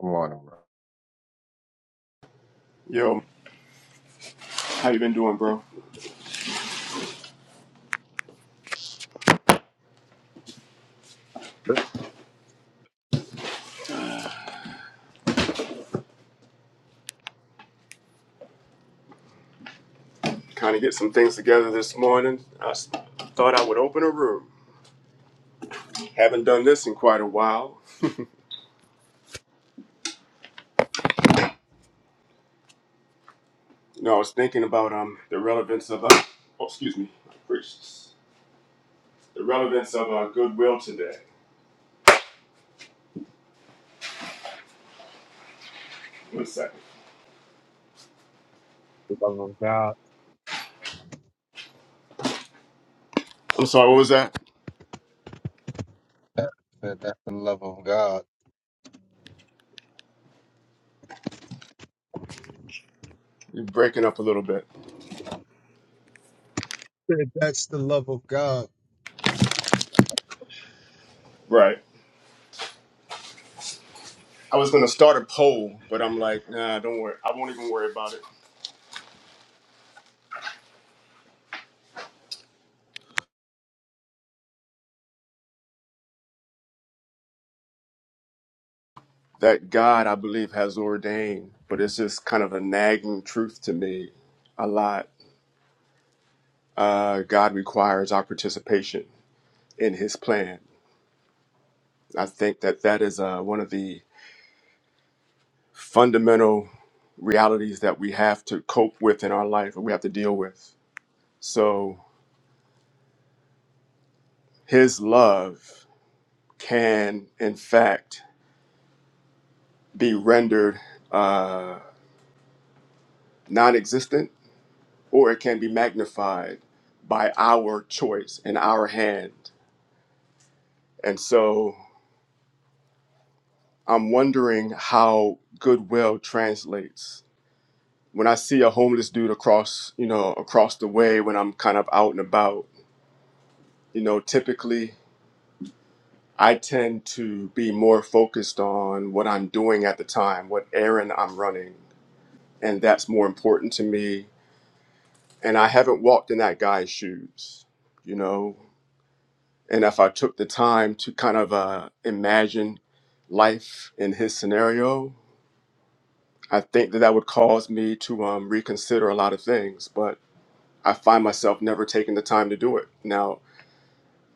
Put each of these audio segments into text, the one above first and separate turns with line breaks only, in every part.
Come on, bro.
Yo, how you been doing, bro? Kind of get some things together this morning. I s- thought I would open a room. Haven't done this in quite a while. You know, I was thinking about um the relevance of uh, oh, excuse me, gracious, the relevance of uh, goodwill today. One second.
That's the love of God.
I'm sorry. What was that?
That, that, that's the love of God.
You're breaking up a little bit.
Said, That's the love of God.
Right. I was gonna start a poll, but I'm like, nah, don't worry. I won't even worry about it. That God, I believe, has ordained, but it's just kind of a nagging truth to me a lot Uh, God requires our participation in His plan. I think that that is uh, one of the fundamental realities that we have to cope with in our life, and we have to deal with. So, His love can, in fact, be rendered uh, non existent or it can be magnified by our choice and our hand. And so, I'm wondering how goodwill translates when I see a homeless dude across, you know, across the way when I'm kind of out and about, you know, typically I tend to be more focused on what I'm doing at the time, what errand I'm running, and that's more important to me. And I haven't walked in that guy's shoes, you know. And if I took the time to kind of uh, imagine life in his scenario, I think that that would cause me to um, reconsider a lot of things. But I find myself never taking the time to do it now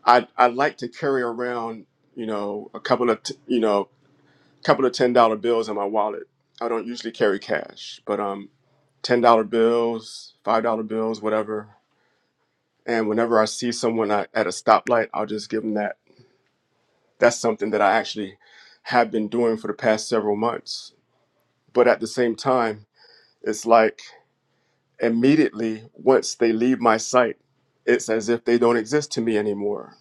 I I like to carry around, you know, a couple of t- you know, a couple of ten dollar bills in my wallet. I don't usually carry cash, but um, ten dollar bills, five dollar bills, whatever. And whenever I see someone at at a stoplight, I'll just give them that. That's something that I actually have been doing for the past several months. But at the same time, it's like immediately once they leave my sight, it's as if they don't exist to me anymore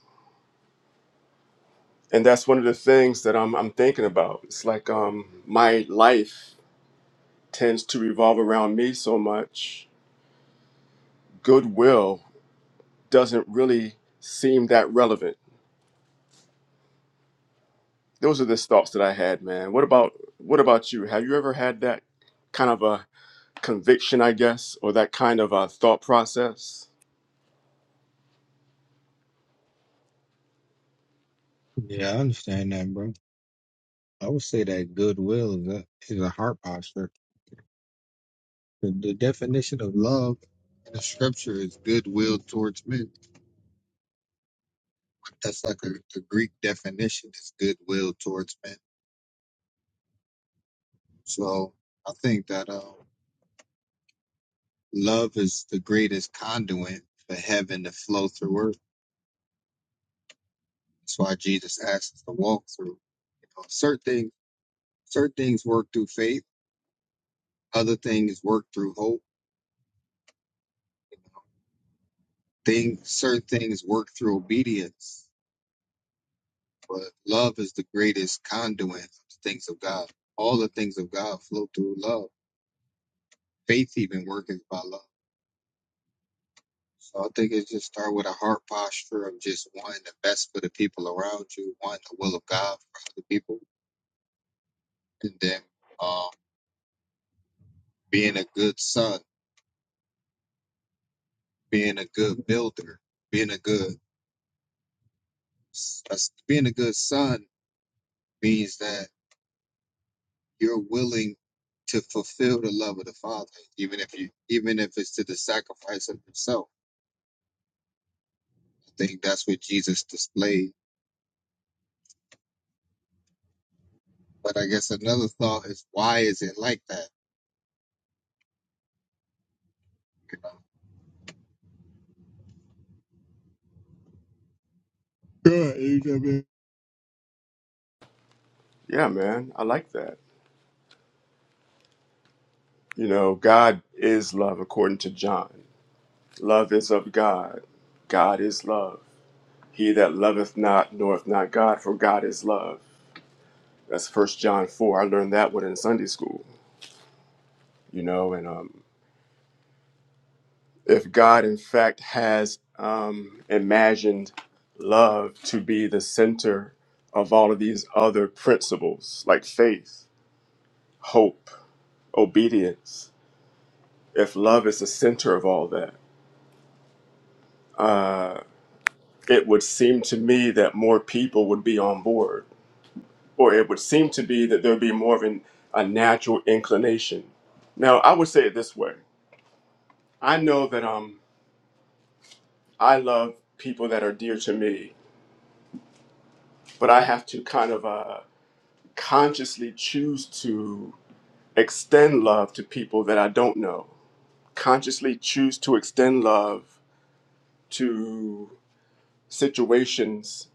and that's one of the things that I'm I'm thinking about. It's like um my life tends to revolve around me so much. Goodwill doesn't really seem that relevant. Those are the thoughts that I had, man. What about what about you? Have you ever had that kind of a conviction, I guess, or that kind of a thought process?
Yeah, I understand that, bro. I would say that goodwill is a, is a heart posture. The, the definition of love in the scripture is goodwill towards men. That's like a, the Greek definition is goodwill towards men. So I think that um, love is the greatest conduit for heaven to flow through earth. That's why Jesus asked us to walk through. You know, certain things Certain things work through faith, other things work through hope. Things, certain things work through obedience, but love is the greatest conduit of the things of God. All the things of God flow through love. Faith even worketh by love. So I think it just start with a heart posture of just wanting the best for the people around you, wanting the will of God for other people, and then um, being a good son, being a good builder, being a good being a good son means that you're willing to fulfill the love of the Father, even if you even if it's to the sacrifice of yourself. I think that's what Jesus displayed. But I guess another thought is why is it like that? You know? Good, you
Yeah, man, I like that. You know, God is love according to John. Love is of God. God is love. He that loveth not knoweth not God, for God is love. That's First John four. I learned that one in Sunday school. You know, and um, if God in fact has um, imagined love to be the center of all of these other principles like faith, hope, obedience, if love is the center of all that, uh, it would seem to me that more people would be on board or it would seem to be that there would be more of an, a natural inclination. Now, I would say it this way I know that um, I love people that are dear to me, but I have to kind of uh, consciously choose to extend love to people that I don't know, consciously choose to extend love to situations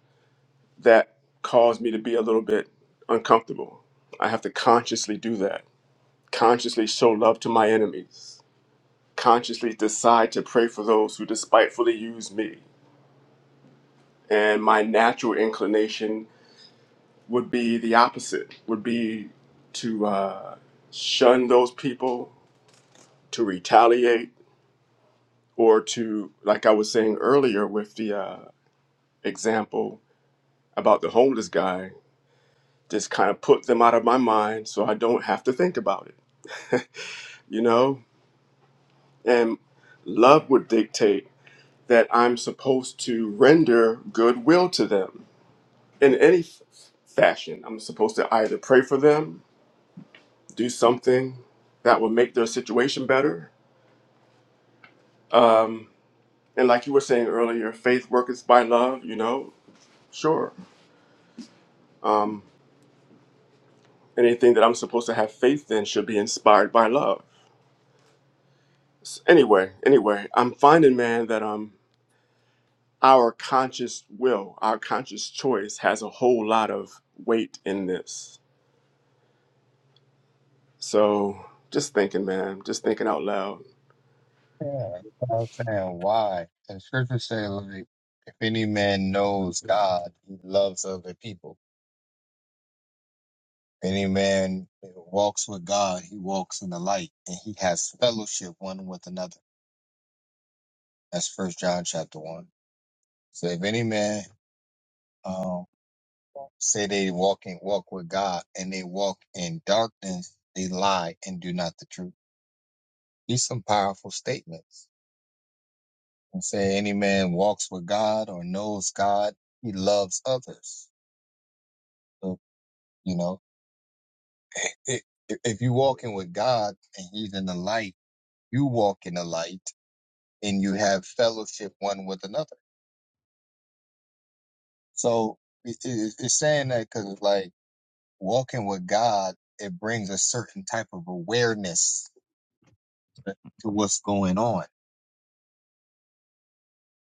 that cause me to be a little bit uncomfortable. I have to consciously do that, consciously show love to my enemies consciously decide to pray for those who despitefully use me. And my natural inclination would be the opposite, would be to uh, shun those people, to retaliate, or to, like I was saying earlier with the uh, example about the homeless guy, just kind of put them out of my mind so I don't have to think about it, you know? And love would dictate that I'm supposed to render goodwill to them in any f- fashion, I'm supposed to either pray for them, do something that would make their situation better. Um, and like you were saying earlier, faith worketh by love, you know, sure. Um, anything that I'm supposed to have faith in should be inspired by love. S- Anyway, anyway, I'm finding, man, that um, our conscious will, our conscious choice has a whole lot of weight in this. So just thinking, man, just thinking out loud.
Yeah, that's what I'm saying. Why? And scripture say like if any man knows God, he loves other people. If any man walks with God, he walks in the light and he has fellowship one with another. That's first John chapter one. So if any man um say they walk walking walk with God and they walk in darkness, they lie and do not the truth. These some powerful statements. And say any man walks with God or knows God, he loves others. So, you know, if, if you walking with God and he's in the light, you walk in the light and you have fellowship one with another. So it, it, it's saying that because it's like walking with God, it brings a certain type of awareness to what's going on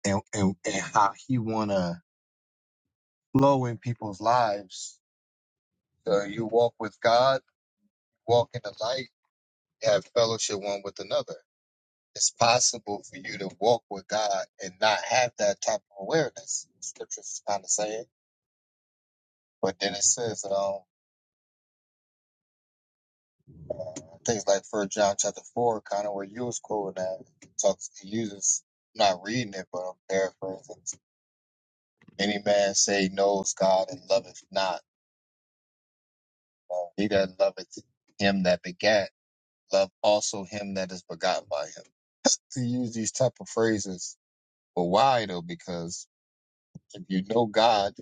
and, and, and how he want to flow in people's lives. So you walk with God, walk in the light, have fellowship one with another. It's possible for you to walk with God and not have that type of awareness. Scripture is kind of saying. But then it says, um, things like First John chapter 4, kind of where you was quoting that, talks, he uses, I'm not reading it, but I'm paraphrasing. Any man say knows God and loveth not. Well, he that loveth him that begat love also him that is begotten by him. To use these type of phrases, but why though? Because if you know God,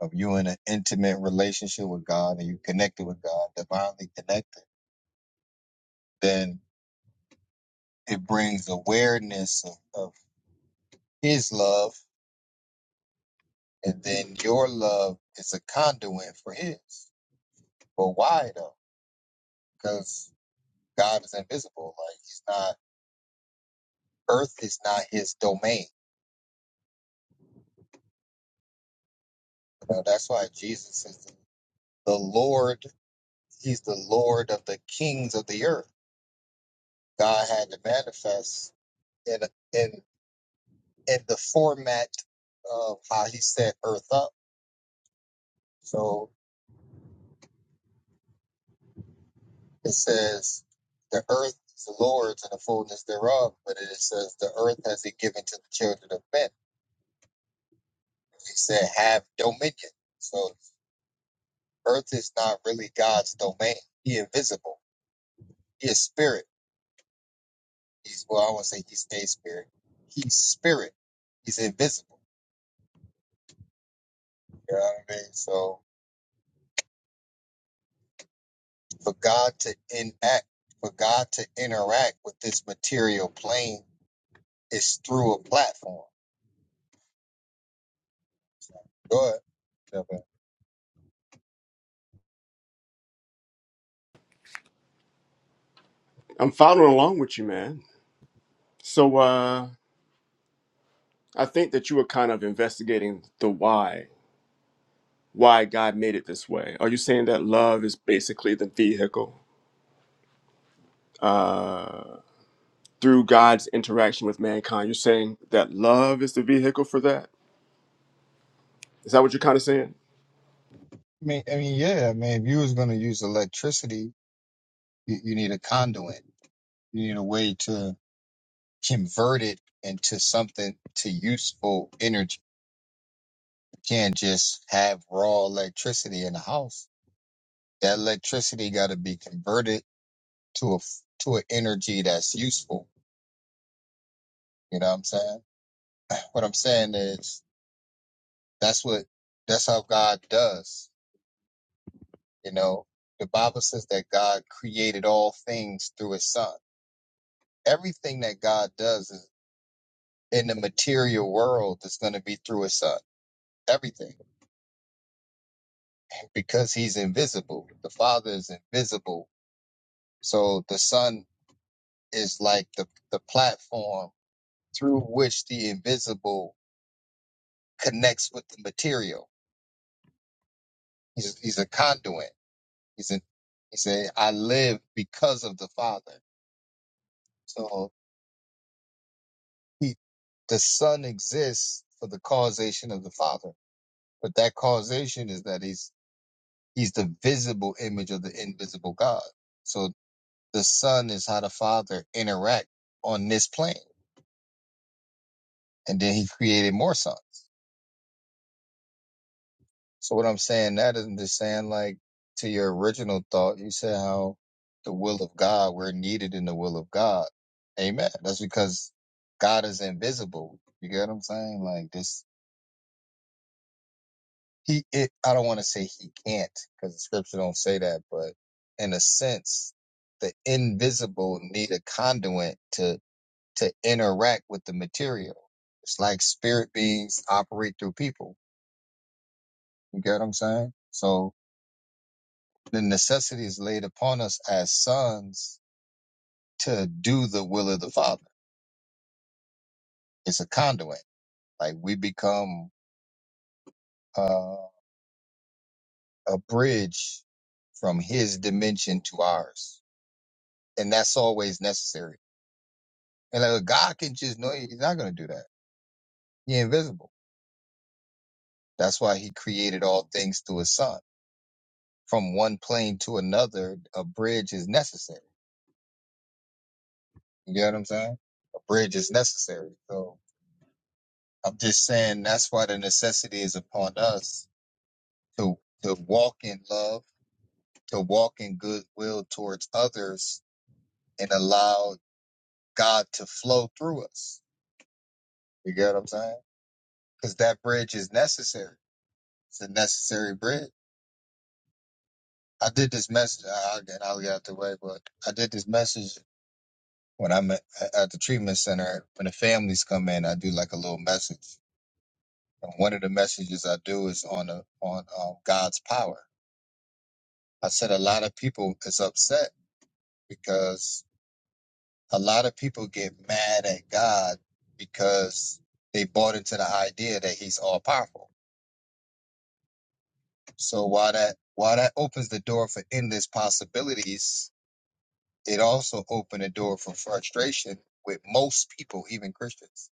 if you're in an intimate relationship with God and you connected with God, divinely connected, then it brings awareness of, of His love, and then your love is a conduit for His. But why though? Because God is invisible. Like He's not. Earth is not His domain. You know, that's why Jesus is the the Lord He's the Lord of the kings of the earth. God had to manifest in in in the format of how He set earth up. So it says the earth is the Lord's and the fullness thereof, but it says the earth has He given to the children of men. He said, "Have dominion." So earth is not really God's domain. He invisible. He is spirit. He's well, I won't say he's a spirit. He's spirit. He's invisible. You know what I mean? So for God to enact, for God to interact with this material plane is through a platform. So, go ahead. Yeah, but-
I'm following along with you, man. So uh, I think that you were kind of investigating the why, why God made it this way. Are you saying that love is basically the vehicle uh, through God's interaction with mankind? You're saying that love is the vehicle for that? Is that what you're kind of saying?
I mean, I mean, yeah. I mean, if you was going to use electricity, you, you need a conduit. You need a way to convert it into something to useful energy. You can't just have raw electricity in the house. That electricity got to be converted to a f- to an energy that's useful. You know what I'm saying? What I'm saying is That's what that's how God does. You know, the Bible says that God created all things through his son. Everything that God does is in the material world is going to be through his son. Everything. Because he's invisible. The Father is invisible. So the Son is like the, the platform through which the invisible connects with the material. He's he's a conduit. He's a. he said, I live because of the Father. So he the son exists for the causation of the father but that causation is that he's he's the visible image of the invisible god so the son is how the father interact on this plane and then he created more sons so what i'm saying that is i'm just saying like to your original thought you said how the will of god we're needed in the will of god amen that's because god is invisible you get what i'm saying like this he it, i don't want to say he can't because the scripture don't say that but in a sense the invisible need a conduit to to interact with the material it's like spirit beings operate through people you get what i'm saying so the necessity is laid upon us as sons to do the will of the father it's a conduit like we become uh, a bridge from his dimension to ours and that's always necessary And like, God can just know he's not going to do that. He's invisible. That's why he created all things through his son. From one plane to another, a bridge is necessary. You get what I'm saying? A bridge is necessary. So I'm just saying that's why the necessity is upon us to, to walk in love, to walk in goodwill towards others and allow God to flow through us. You get what I'm saying? Because that bridge is necessary. It's a necessary bridge. I did this message. I- will get, I'll get out the way, but I did this message when I'm at, at the treatment center. When the families come in, I do like a little message. And one of the messages I do is on a, on um, God's power. I said a lot of people is upset because a lot of people get mad at God because they bought into the idea that He's all powerful. So while that while that opens the door for endless possibilities, It also opened a door for frustration with most people, even Christians.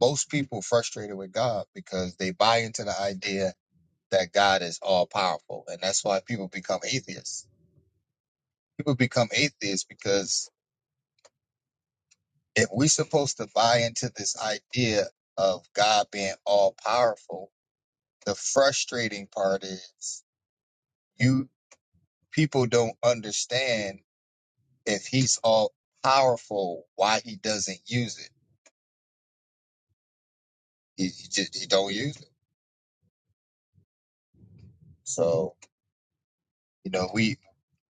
Most people frustrated with God because they buy into the idea that God is all powerful. And that's why people become atheists. People become atheists because if we're supposed to buy into this idea of God being all powerful, the frustrating part is you people don't understand if he's all powerful, why he doesn't use it. He, he just he don't use it. So, you know, we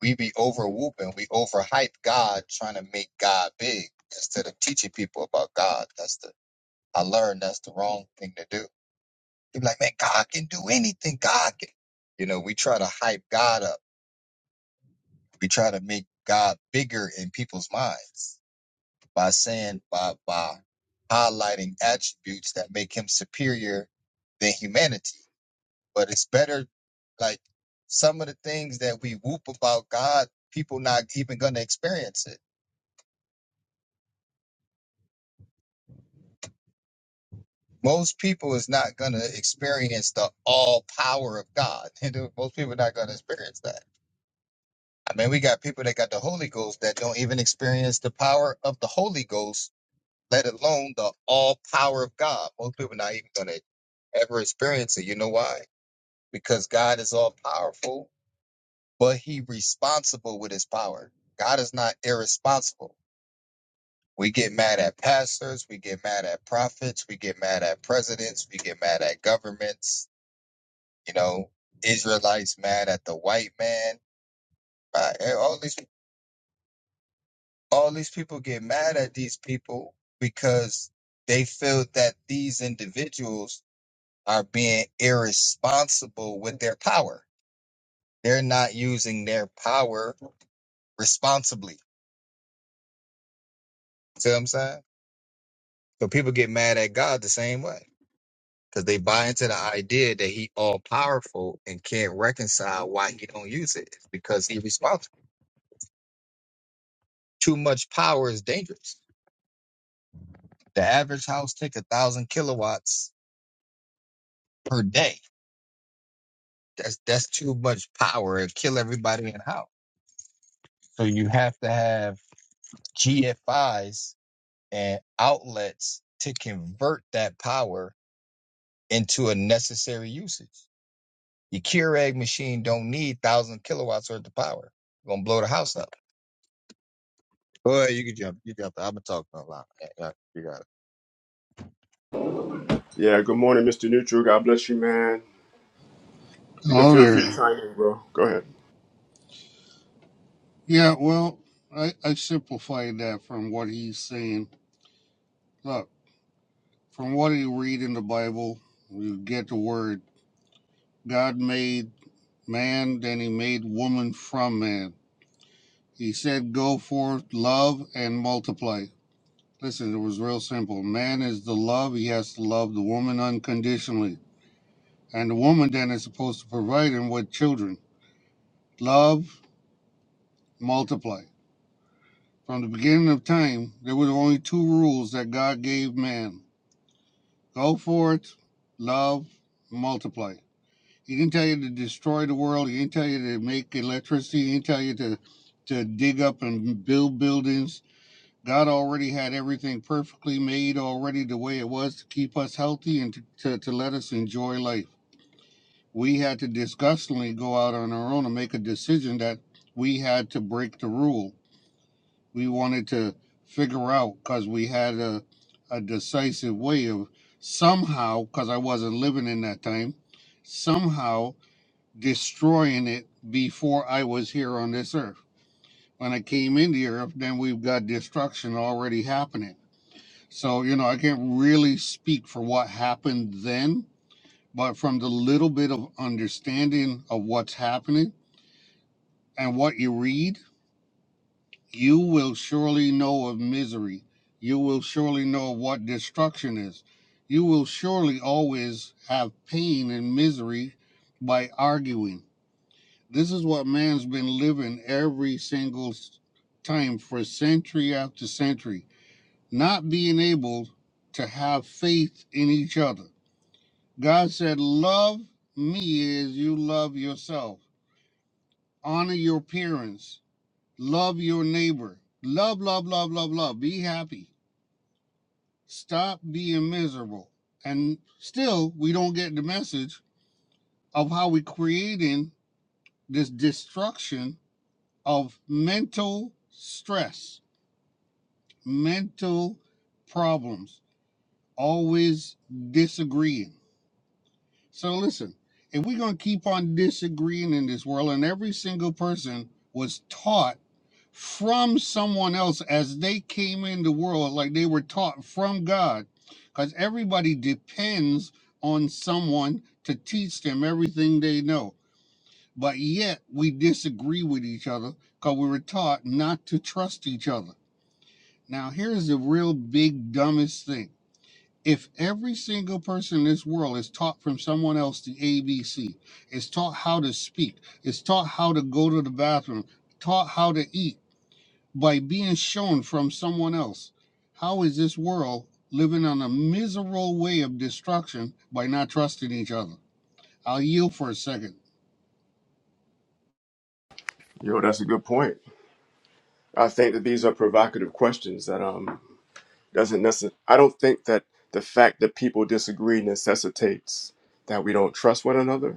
we be over whooping, we overhype God, trying to make God big instead of teaching people about God. That's the I learned that's the wrong thing to do. You're like, man, God can do anything. God can. You know, we try to hype God up. We try to make God bigger in people's minds by saying by by highlighting attributes that make him superior than humanity But it's better, like some of the things that we whoop about God, people not even gonna experience it. Most people is not gonna experience the all power of God. And most people not gonna experience that. I mean, we got people that got the Holy Ghost that don't even experience the power of the Holy Ghost, let alone the all power of God. Most people not even gonna ever experience it. You know why? Because God is all powerful, but He responsible with His power. God is not irresponsible. We get mad at pastors, we get mad at prophets, we get mad at presidents, we get mad at governments. You know, Israelites mad at the white man. Uh, eh, All these all these people get mad at these people because they feel that these individuals are being irresponsible with their power. They're not using their power responsibly. See what I'm saying? So people get mad at God the same way. because they buy into the idea that he all powerful and can't reconcile why he don't use it It's because he responsible. Too much power is dangerous. The average house take a thousand kilowatts per day. That's that's too much power It kill everybody in the house. So you have to have GFIs and outlets to convert that power into a necessary usage. Your Keurig machine don't need thousand kilowatts worth of power. It's gonna blow the house up Well, you can jump. You jump. I've been talking a lot. Yeah, yeah, you got it.
Yeah. Good morning, Mr. Neutral. God bless you, man. You can
Oh,
feel free to
there.
chime in, bro. Go ahead.
Yeah, well, I, I simplified that from what he's saying. Look, from what you read in the Bible, you get the word God made man, then he made woman from man. He said, Go forth, love, and multiply. Listen, it was real simple. Man is the love, he has to love the woman unconditionally. And the woman then is supposed to provide him with children. Love, multiply. From the beginning of time, there were only two rules that God gave man go for it, love, multiply. He didn't tell you to destroy the world, He didn't tell you to make electricity, He didn't tell you to, to dig up and build buildings. God already had everything perfectly made already the way it was to keep us healthy and to, to, to let us enjoy life. We had to disgustingly go out on our own and make a decision that we had to break the rule we wanted to figure out because we had a, a decisive way of somehow because i wasn't living in that time somehow destroying it before i was here on this earth when i came into the earth then we've got destruction already happening so you know i can't really speak for what happened then but from the little bit of understanding of what's happening and what you read You will surely know of misery. You will surely know what destruction is. You will surely always have pain and misery by arguing. This is what man's been living every single time for century after century, not being able to have faith in each other. God said, Love me as you love yourself, honor your parents, love your neighbor, love, love, love, love, love, be happy Stop being miserable. And still, we don't get the message of how we are creating this destruction of mental stress, mental problems, always disagreeing. So listen, if we're gonna keep on disagreeing in this world, and every single person was taught from someone else as they came in the world, like they were taught from God, because everybody depends on someone to teach them everything they know. But yet we disagree with each other because we were taught not to trust each other. Now here's the real big dumbest thing if every single person in this world is taught from someone else the ABC, is taught how to speak, is taught how to go to the bathroom, taught how to eat by being shown from someone else, how is this world living on a miserable way of destruction by not trusting each other? I'll yield for a second.
Yo, that's a good point. I think that these are provocative questions that um doesn't necessarily. I don't think that the fact that people disagree necessitates that we don't trust one another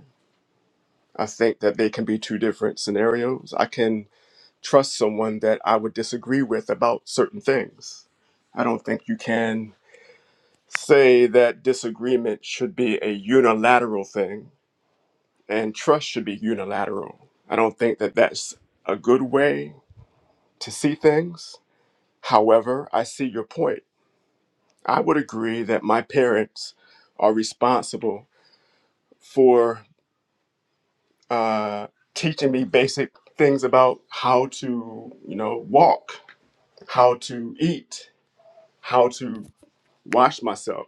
I think that they can be two different scenarios. I can trust someone that I would disagree with about certain things. I don't think you can say that disagreement should be a unilateral thing and trust should be unilateral. I don't think that that's a good way to see things. However, I see your point. I would agree that my parents are responsible for uh, teaching me basic things about how to, you know, walk, how to eat, how to wash myself,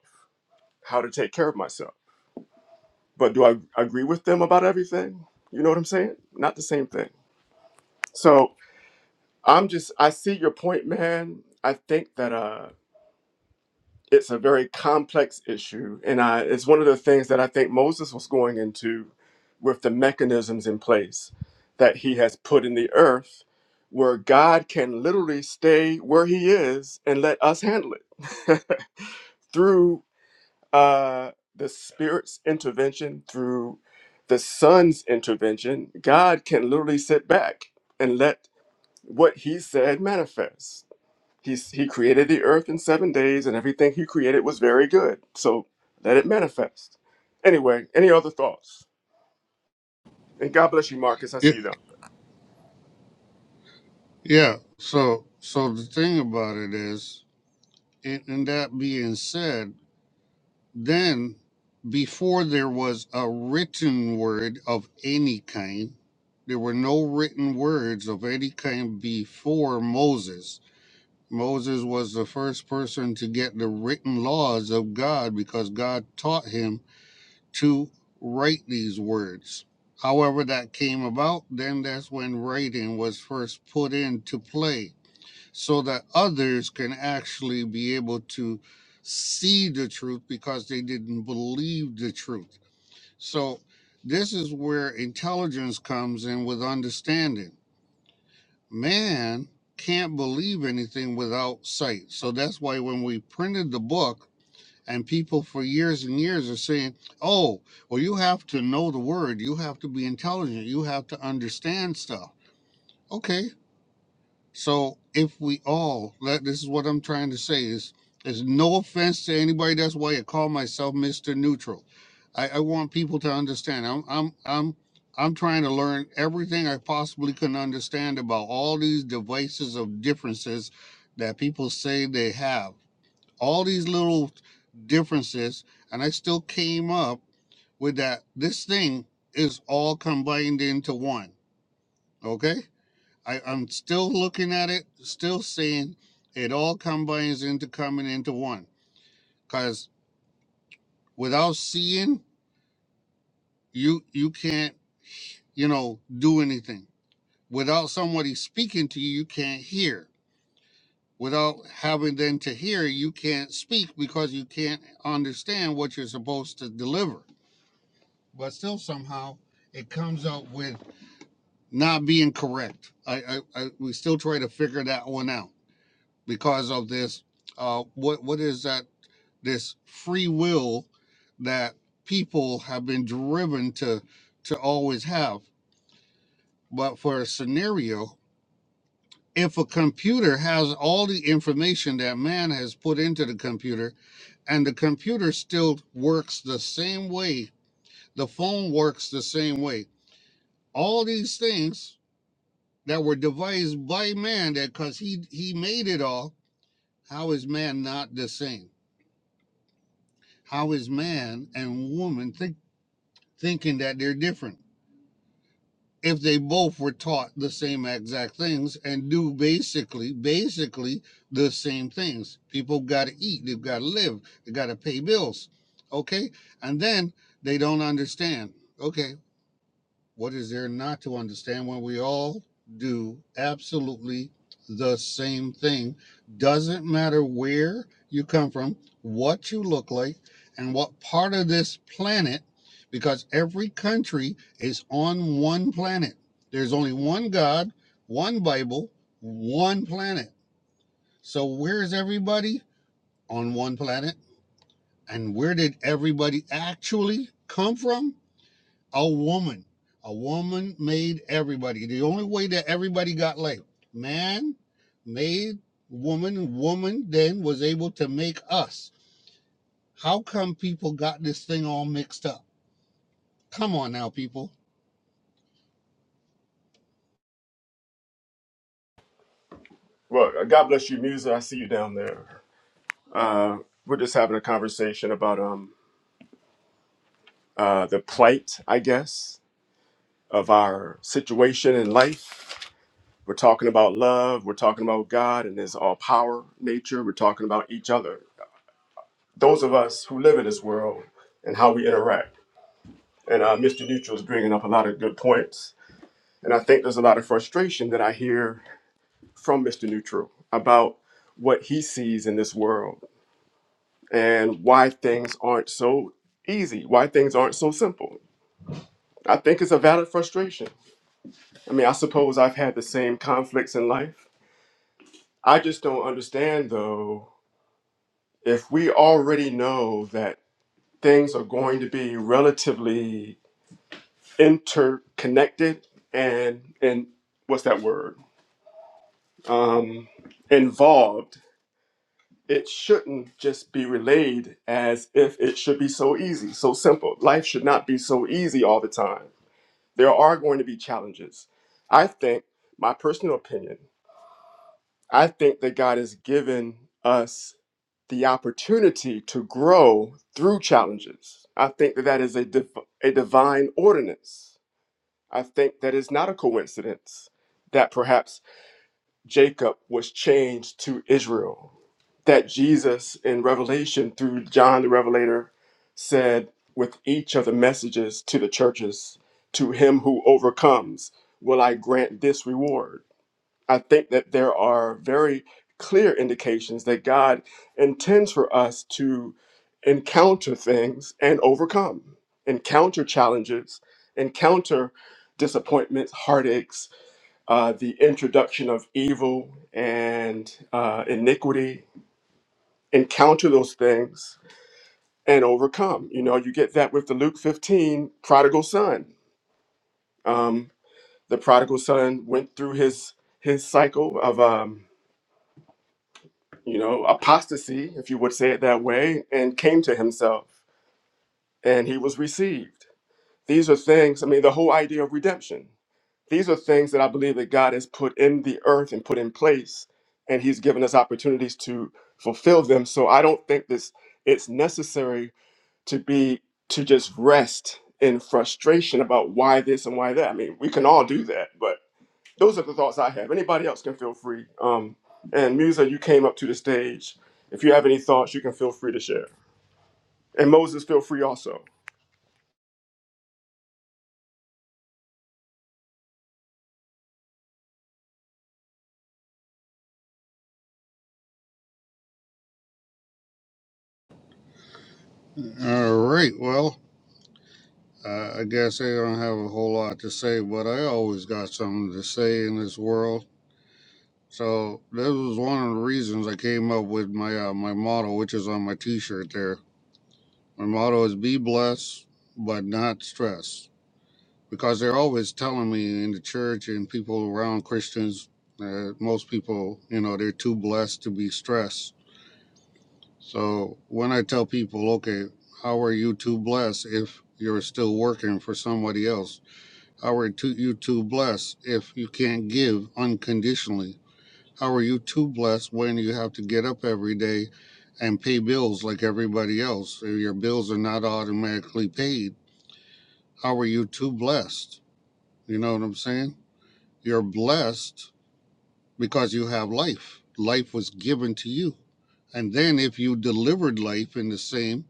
how to take care of myself. But do I agree with them about everything? You know what I'm saying? Not the same thing. So I'm just, I see your point, man. I think that. Uh, it's a very complex issue and I, it's one of the things that i think moses was going into with the mechanisms in place that he has put in the earth where god can literally stay where he is and let us handle it through uh, the spirit's intervention through the son's intervention god can literally sit back and let what he said manifest He's, he created the earth in seven days, and everything he created was very good. So let it manifest. Anyway, any other thoughts? And God bless you, Marcus. I see
It,
you down.
yeah. So, so the thing about it is, it, and that being said. Then, before there was a written word of any kind, there were no written words of any kind before Moses. Moses was the first person to get the written laws of God because God taught him to write these words. However, that came about, then that's when writing was first put into play so that others can actually be able to see the truth because they didn't believe the truth. So, this is where intelligence comes in with understanding. Man can't believe anything without sight. So, that's why when we printed the book, and people for years and years are saying, oh, well, you have to know the word. You have to be intelligent. You have to understand stuff. Okay, so if we all, let, this is what I'm trying to say is, there's no offense to anybody. That's why I call myself Mr. Neutral. I, I want people to understand. I'm, I'm, I'm, I'm trying to learn everything I possibly can understand about all these devices of differences that people say they have. All these little differences, and I still came up with that. This thing is all combined into one. Okay I, I'm still looking at it, still seeing it all combines into coming into one. Cause without seeing, you you can't, you know, do anything. Without somebody speaking to you, you can't hear. Without having them to hear, you can't speak because you can't understand what you're supposed to deliver. But still somehow it comes out with not being correct. I, I, I we still try to figure that one out because of this uh, what what is that this free will that people have been driven to to always have but for a scenario if a computer has all the information that man has put into the computer and the computer still works the same way the phone works the same way all these things that were devised by man that cuz he he made it all how is man not the same how is man and woman think, thinking that they're different if they both were taught the same exact things and do basically basically the same things people got to eat they've got to live they got to pay bills okay and then they don't understand okay what is there not to understand when we all do absolutely the same thing? Doesn't matter where you come from, what you look like, and what part of this planet, because every country is on one planet. There's only one God, one Bible, one planet. So where's everybody? On one planet. And where did everybody actually come from? a woman. A woman made everybody. The only way that everybody got labeled, man made woman, woman then was able to make us. How come people got this thing all mixed up? Come on now, people.
Well, uh, God bless you, Musa. I see you down there. Uh, we're just having a conversation about um uh, the plight, I guess, of our situation in life. We're talking about love. We're talking about God and His all power nature. We're talking about each other. Those of us who live in this world and how we interact. And uh, Mr. Neutral is bringing up a lot of good points. And I think there's a lot of frustration that I hear from Mr. Neutral about what he sees in this world and why things aren't so easy, why things aren't so simple. I think it's a valid frustration. I mean, I suppose I've had the same conflicts in life. I just don't understand, though, if we already know that things are going to be relatively interconnected and, and what's that word? um, involved, it shouldn't just be relayed as if it should be so easy, so simple. Life should not be so easy all the time. There are going to be challenges. I think, my personal opinion, I think that God has given us the opportunity to grow through challenges. I think that that is a, div- a divine ordinance. I think that is not a coincidence that perhaps Jacob was changed to Israel. That Jesus in Revelation through John the Revelator said with each of the messages to the churches, to him who overcomes, will I grant this reward. I think that there are very clear indications that God intends for us to encounter things and overcome, encounter challenges, encounter disappointments, heartaches, uh, the introduction of evil and uh, iniquity, encounter those things and overcome. You know, you get that with the Luke 15 prodigal son. Um, the prodigal son went through his his cycle of um, you know apostasy, if you would say it that way, and came to himself, and he was received. These are things, I mean, the whole idea of redemption. These are things that I believe that God has put in the earth and put in place, and He's given us opportunities to fulfill them. So I don't think this it's necessary to be to just rest in frustration about why this and why that. I mean, we can all do that, but those are the thoughts I have. Anybody else can feel free. Um, and Musa, you came up to the stage. If you have any thoughts, you can feel free to share. And Moses, feel free also.
All right, well, uh, I guess I don't have a whole lot to say, but I always got something to say in this world. So this was one of the reasons I came up with my uh, my motto, which is on my T-shirt there. My motto is be blessed, but not stressed, because they're always telling me in the church and people around Christians that most people, you know, they're too blessed to be stressed. So when I tell people, okay, how are you too blessed if you're still working for somebody else? How are too, you too blessed if you can't give unconditionally? How are you too blessed when you have to get up every day and pay bills like everybody else? Your bills are not automatically paid how are you too blessed? You know what I'm saying? You're blessed because you have life. Life was given to you. And then if you delivered life in the same,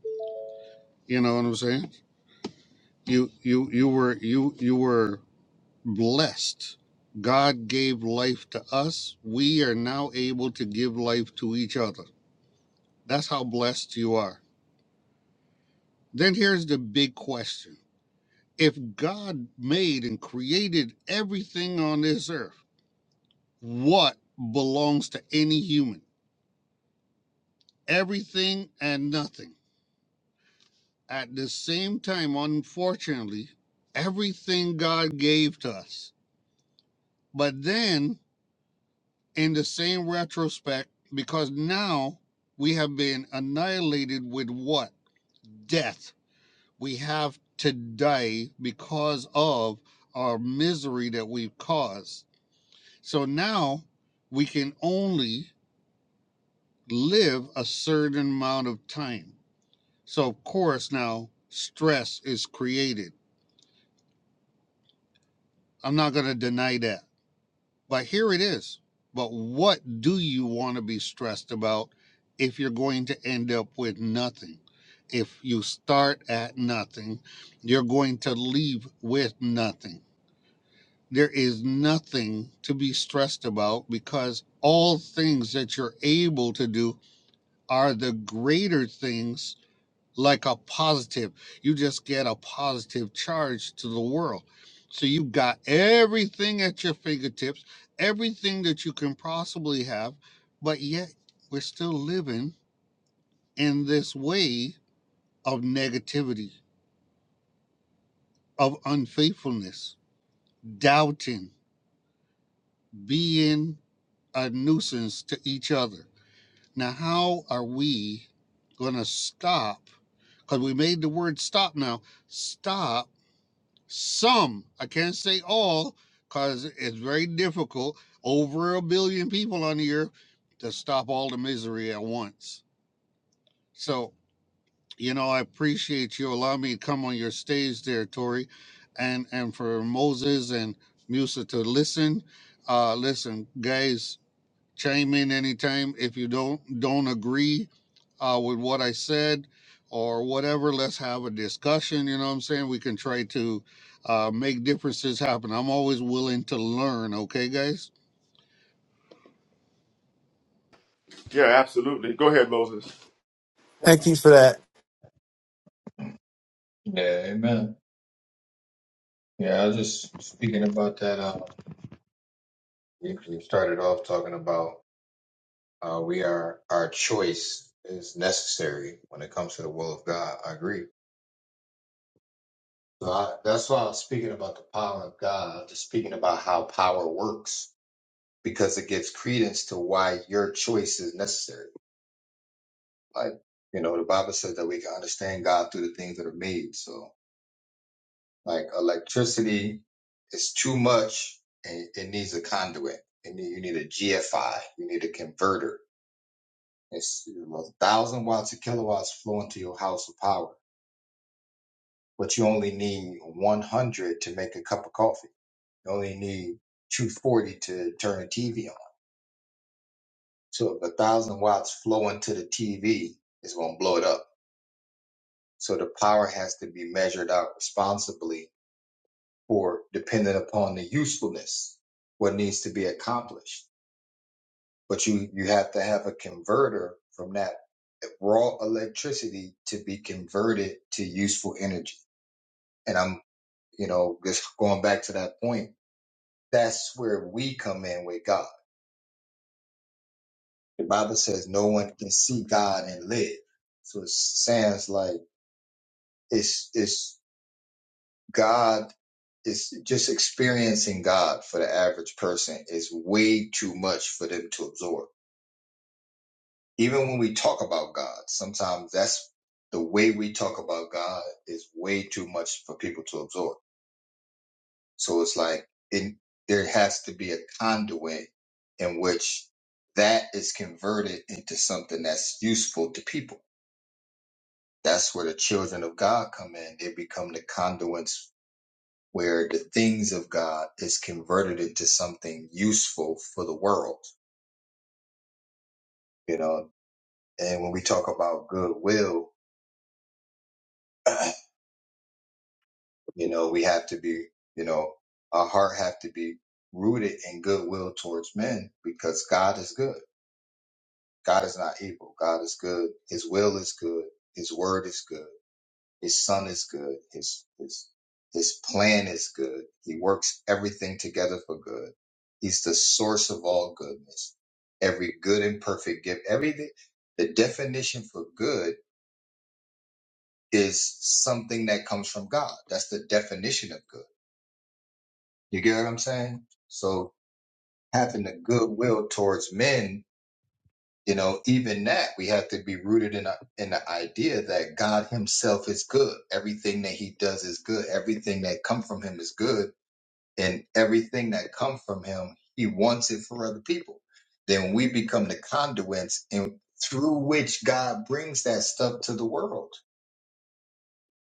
you know what I'm saying? You you you were you you were blessed. God gave life to us. We are now able to give life to each other. That's how blessed you are. Then here's the big question. If God made and created everything on this earth, what belongs to any human everything and nothing. At the same time, unfortunately, everything God gave to us. But then, in the same retrospect, because now we have been annihilated with what? Death. We have to die because of our misery that we've caused. So now we can only live a certain amount of time So, of course, now stress is created. I'm not going to deny that. But here it is. But what do you want to be stressed about if you're going to end up with nothing? If you start at nothing, you're going to leave with nothing. There is nothing to be stressed about because all things that you're able to do are the greater things like a positive. You just get a positive charge to the world. So you've got everything at your fingertips, everything that you can possibly have, but yet we're still living in this way of negativity, of unfaithfulness, doubting, being a nuisance to each other. Now, how are we going to stop? Because we made the word stop now. Stop Some, I can't say all, because it's very difficult, over a billion people on the earth, to stop all the misery at once. So, you know, I appreciate you allowing me to come on your stage there, Tori, and, and for Moses and Musa to listen. Uh, listen, guys, chime in anytime if you don't don't agree uh, with what I said or whatever. Let's have a discussion. You know what I'm saying? We can try to uh, make differences happen. I'm always willing to learn. Okay, guys.
Yeah, absolutely. Go ahead, Moses.
Thank you for that.
Yeah, amen. Yeah, I was just speaking about that. Uh, you, you started off talking about uh, we are our choice is necessary when it comes to the will of God. I agree. So I, that's why I was speaking about the power of God. just speaking about how power works because it gives credence to why your choice is necessary. Like you know, the Bible says that we can understand God through the things that are made. So Like electricity is too much and it needs a conduit. And you need a GFI. You need a converter. It's a thousand watts or kilowatts flowing to your house of power, but you only need 100 to make a cup of coffee. You only need 240 to turn a TV on. So if a thousand watts flowing to the TV it's going to blow it up. So the power has to be measured out responsibly or dependent upon the usefulness, what needs to be accomplished. but you you have to have a converter from that raw electricity to be converted to useful energy and i'm you know just going back to that point that's where we come in with god the bible says no one can see god and live so it sounds like it's it's god it's just experiencing god for the average person is way too much for them to absorb Even when we talk about God, sometimes that's the way we talk about God is way too much for people to absorb. So it's like it, there has to be a conduit in which that is converted into something that's useful to people. That's where the children of God come in. They become the conduits where the things of God is converted into something useful for the world, you know. And when we talk about goodwill, You know, we have to be, you know, our heart have to be rooted in goodwill towards men because God is good. God is not evil. God is good. His will is good. His word is good. His son is good. His his his plan is good. He works everything together for good. He's the source of all goodness. Every good and perfect gift, everything the definition for good is something that comes from God. That's the definition of good. You get what I'm saying? So having a goodwill towards men, you know, even that we have to be rooted in a, in the idea that God Himself is good. Everything that He does is good. Everything that come from Him is good, and everything that come from Him, He wants it for other people. Then we become the conduits, and through which God brings that stuff to the world.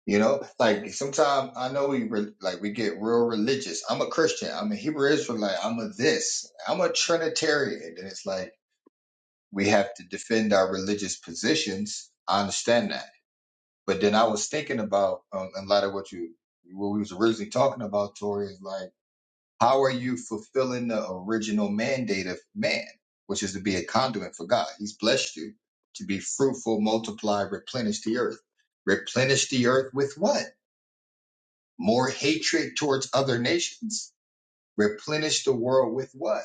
You know, like sometimes I know we re- like we get real religious. I'm a Christian. I'm a Hebrew Israelite. I'm a this. I'm a Trinitarian, and it's like we have to defend our religious positions. I understand that, but then I was thinking about um, in light of what you what we was originally talking about, Tori, is like how are you fulfilling the original mandate of man, which is to be a conduit for God? He's blessed you to be fruitful, multiply, replenish the earth. Replenish the earth with what? More hatred towards other nations. Replenish the world with what?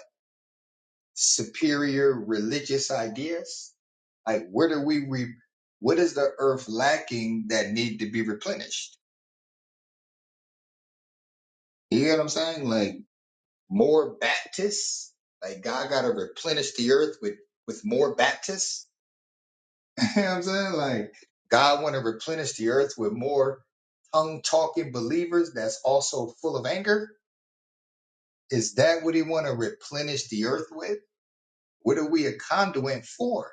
superior religious ideas? Like, where do we re- what is the earth lacking that need to be replenished? You get what I'm saying? Like more Baptists? Like God gotta replenish the earth with with more Baptists? you know what I'm saying? Like God wanna replenish the earth with more tongue talking believers that's also full of anger? Is that what he wanna replenish the earth with? What are we a conduit for?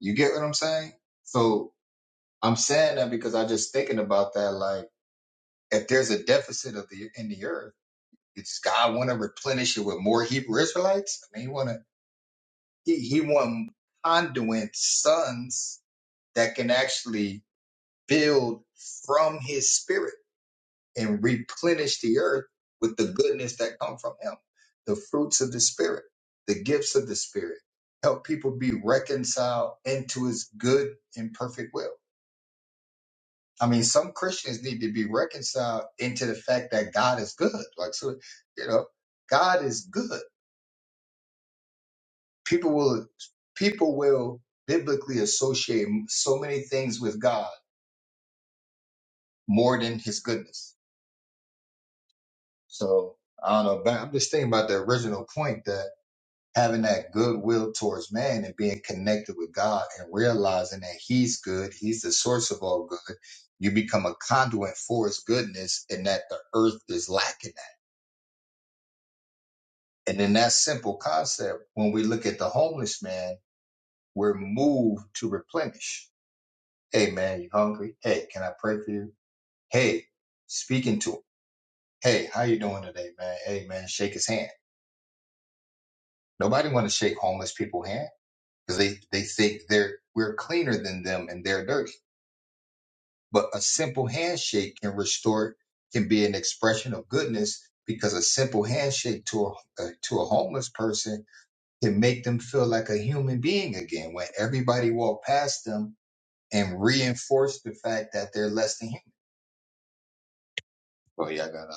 You get what I'm saying? So I'm saying that because I just thinking about that. Like, if there's a deficit of the in the earth, does God want to replenish it with more Hebrew Israelites? I mean, he want to he, he want conduit sons that can actually build from His Spirit and replenish the earth with the goodness that come from Him, the fruits of the Spirit, the gifts of the Spirit. Help people be reconciled into His good and perfect will I mean, some Christians need to be reconciled into the fact that God is good. Like, so, you know, God is good. People will, people will biblically associate so many things with God more than his goodness. So I don't know, but I'm just thinking about the original point that having that goodwill towards man and being connected with God and realizing that he's good, he's the source of all good. You become a conduit for his goodness and that the earth is lacking that And in that simple concept, when we look at the homeless man, we're moved to replenish. Hey man, you hungry? Hey, can I pray for you? Hey, speaking to him. Hey, how you doing today, man? Hey man, shake his hand. Nobody want to shake homeless people's hand because they, they think they're we're cleaner than them and they're dirty. But a simple handshake can restore can be an expression of goodness because a simple handshake to a, uh, to a homeless person to make them feel like a human being again when everybody walked past them and reinforced the fact that they're less than human. Bro, y'all got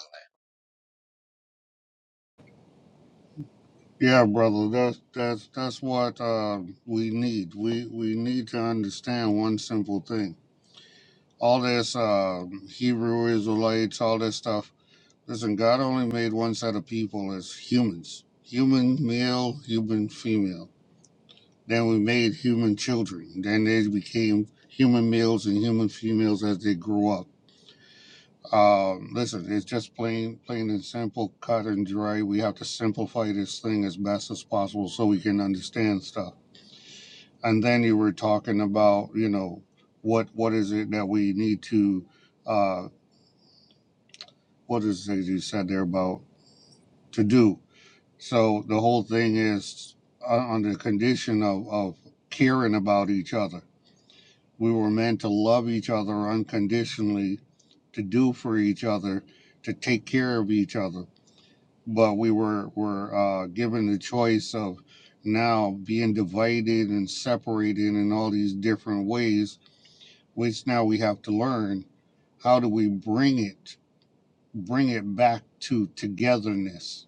Yeah, brother. That's that's that's what uh, we need. We we need to understand one simple thing. All this uh, Hebrew Israelites, all this stuff. Listen, God only made one set of people as humans: human male, human female Then we made human children. Then they became human males and human females as they grew up. Um, listen, it's just plain, plain and simple, cut and dry. We have to simplify this thing as best as possible so we can understand stuff. And then you were talking about, you know, what what is it that we need to, uh, what is it you said there about to do? So the whole thing is uh, on the condition of, of caring about each other We were meant to love each other unconditionally, to do for each other, to take care of each other. But we were were uh, given the choice of now being divided and separated in all these different ways, which now we have to learn how do we bring it bring it back to togetherness.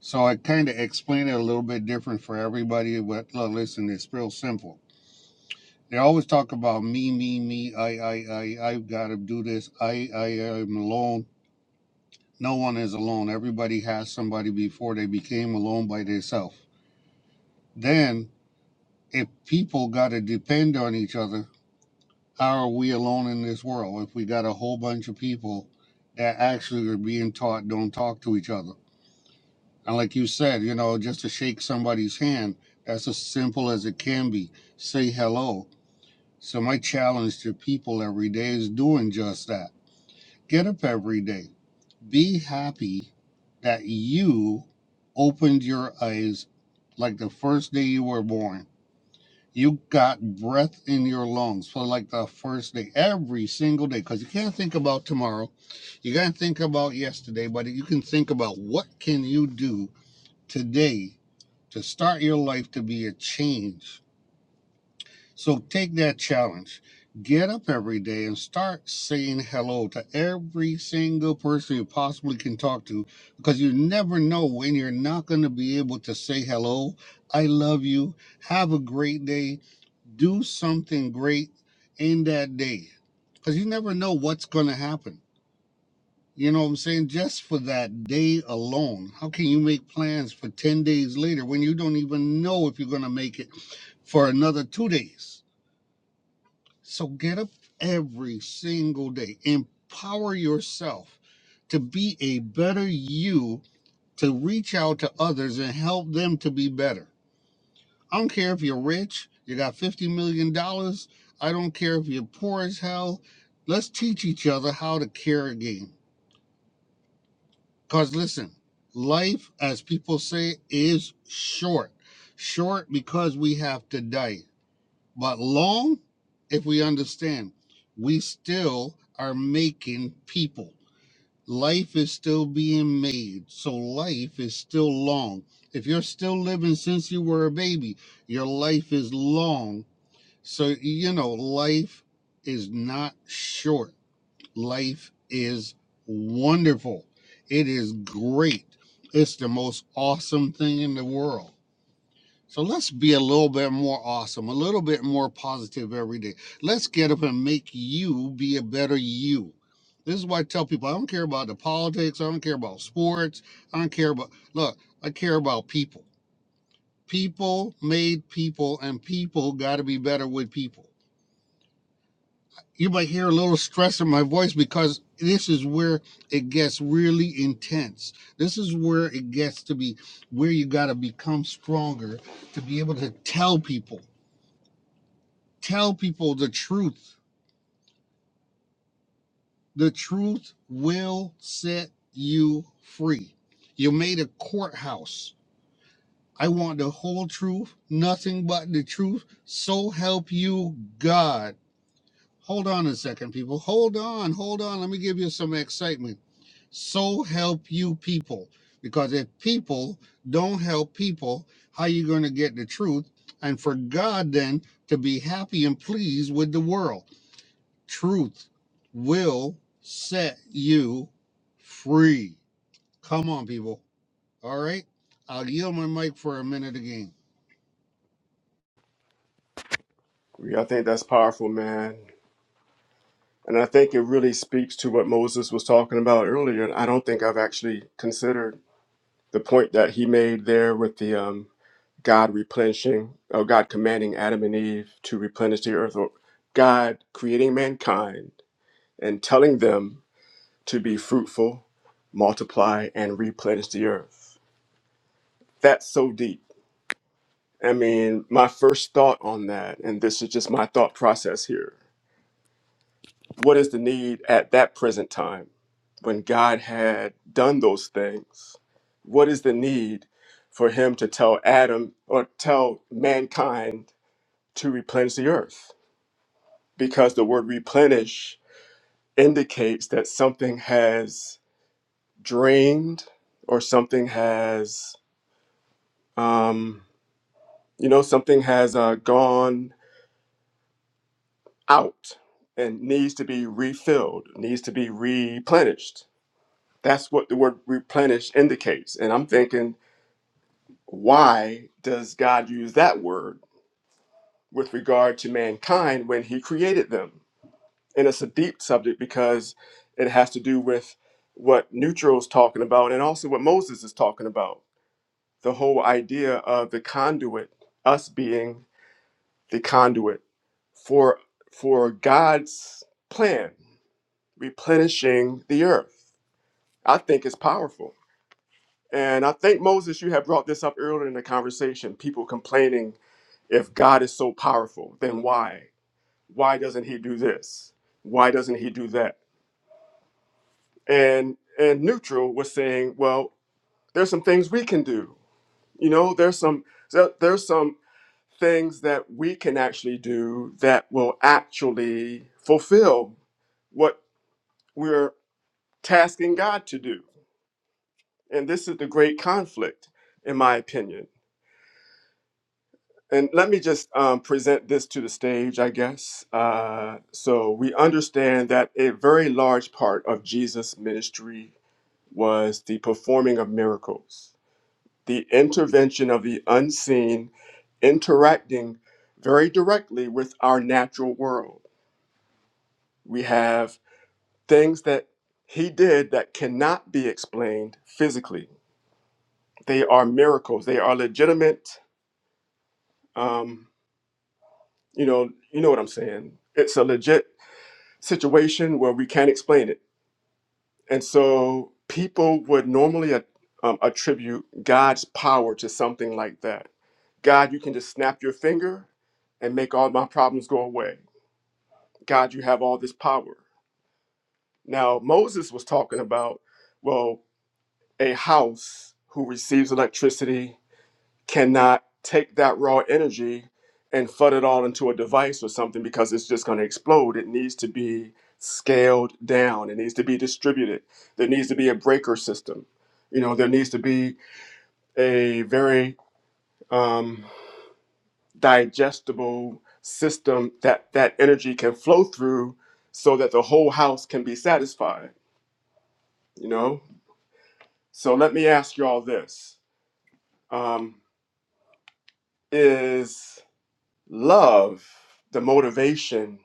So I kind of explained it a little bit different for everybody, but look, listen, it's real simple They always talk about me, me, me. I, I, I, I've got to do this. I, I am alone. No one is alone. Everybody has somebody before they became alone by themselves. Then, if people got to depend on each other, how are we alone in this world? If we got a whole bunch of people that actually are being taught don't talk to each other. And like you said, you know, just to shake somebody's hand, that's as simple as it can be. Say hello. So my challenge to people every day is doing just that Get up every day. Be happy that you opened your eyes like the first day you were born. You got breath in your lungs for like the first day, every single day, because you can't think about tomorrow. You can't think about yesterday, but you can think about what can you do today to start your life to be a change so take that challenge. Get up every day and start saying hello to every single person you possibly can talk to because you never know when you're not going to be able to say hello. I love you. Have a great day. Do something great in that day because you never know what's going to happen. You know what I'm saying? Just for that day alone, how can you make plans for 10 days later when you don't even know if you're going to make it for another two days? So get up every single day, empower yourself to be a better you, to reach out to others and help them to be better. I don't care if you're rich, you got $50 million. dollars. I don't care if you're poor as hell. Let's teach each other how to care again. Because listen, life, as people say, is short. Short because we have to die. But long, if we understand, we still are making people. Life is still being made. So life is still long. If you're still living since you were a baby, your life is long. So, you know, life is not short. Life is wonderful. It is great. It's the most awesome thing in the world. So let's be a little bit more awesome, a little bit more positive every day. Let's get up and make you be a better you. This is why I tell people I don't care about the politics, I don't care about sports, I don't care about look, I care about people. People made people, and people got to be better with people. You might hear a little stress in my voice because this is where it gets really intense. This is where it gets to be where you got to become stronger to be able to tell people Tell people the truth. The truth will set you free. You made a courthouse. I want the whole truth, nothing but the truth. So help you God. Hold on a second, people. Hold on, hold on. Let me give you some excitement. So help you people. Because if people don't help people, how you going to get the truth? And for God then to be happy and pleased with the world. Truth will set you free. Come on, people. All right. I'll yield my mic for a minute again.
Yeah, I think that's powerful, man. And I think it really speaks to what Moses was talking about earlier. And I don't think I've actually considered the point that he made there with the um, God replenishing, or God commanding Adam and Eve to replenish the earth, or God creating mankind and telling them to be fruitful, multiply, and replenish the earth. That's so deep. I mean, my first thought on that, and this is just my thought process here What is the need at that present time when God had done those things? What is the need for him to tell Adam or tell mankind to replenish the earth? Because the word replenish indicates that something has drained or something has, um, you know, something has uh, gone out and needs to be refilled, needs to be replenished. That's what the word replenish indicates. And I'm thinking, why does God use that word with regard to mankind when he created them? And it's a deep subject because it has to do with what Neutro's talking about and also what Moses is talking about. The whole idea of the conduit, us being the conduit for for God's plan, replenishing the earth. I think it's powerful. And I think, Moses, you had brought this up earlier in the conversation people complaining if God is so powerful, then why? Why doesn't he do this? Why doesn't he do that? And and neutral was saying, well, there's some things we can do. You know, there's some there- there's some things that we can actually do that will actually fulfill what we're tasking God to do. And this is the great conflict in my opinion And let me just um, present this to the stage, I guess. Uh, so we understand that a very large part of Jesus' ministry was the performing of miracles, the intervention of the unseen, interacting very directly with our natural world. We have things that he did that cannot be explained physically. They are miracles. They are legitimate. Um, you know, you know what I'm saying. It's a legit situation where we can't explain it. And so people would normally at- um, attribute God's power to something like that. God, you can just snap your finger and make all my problems go away. God, you have all this power. Now, Moses was talking about, well, a house who receives electricity cannot take that raw energy and flood it all into a device or something because it's just going to explode. It needs to be scaled down. It needs to be distributed. There needs to be a breaker system. You know, there needs to be a very um, digestible system that that energy can flow through so that the whole house can be satisfied. You know, so let me ask you all this: um, Is love the motivation?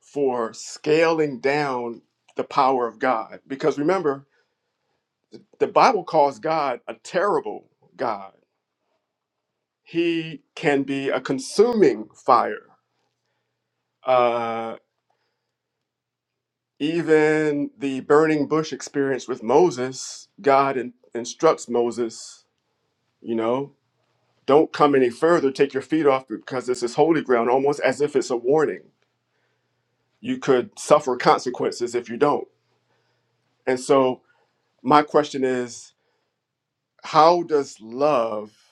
for scaling down the power of God. Because remember, the Bible calls God a terrible God. He can be a consuming fire. Uh, even the burning bush experience with Moses, God in- instructs Moses, you know, don't come any further, take your feet off because this is holy ground, almost as if it's a warning. You could suffer consequences if you don't. And so, my question is, how does love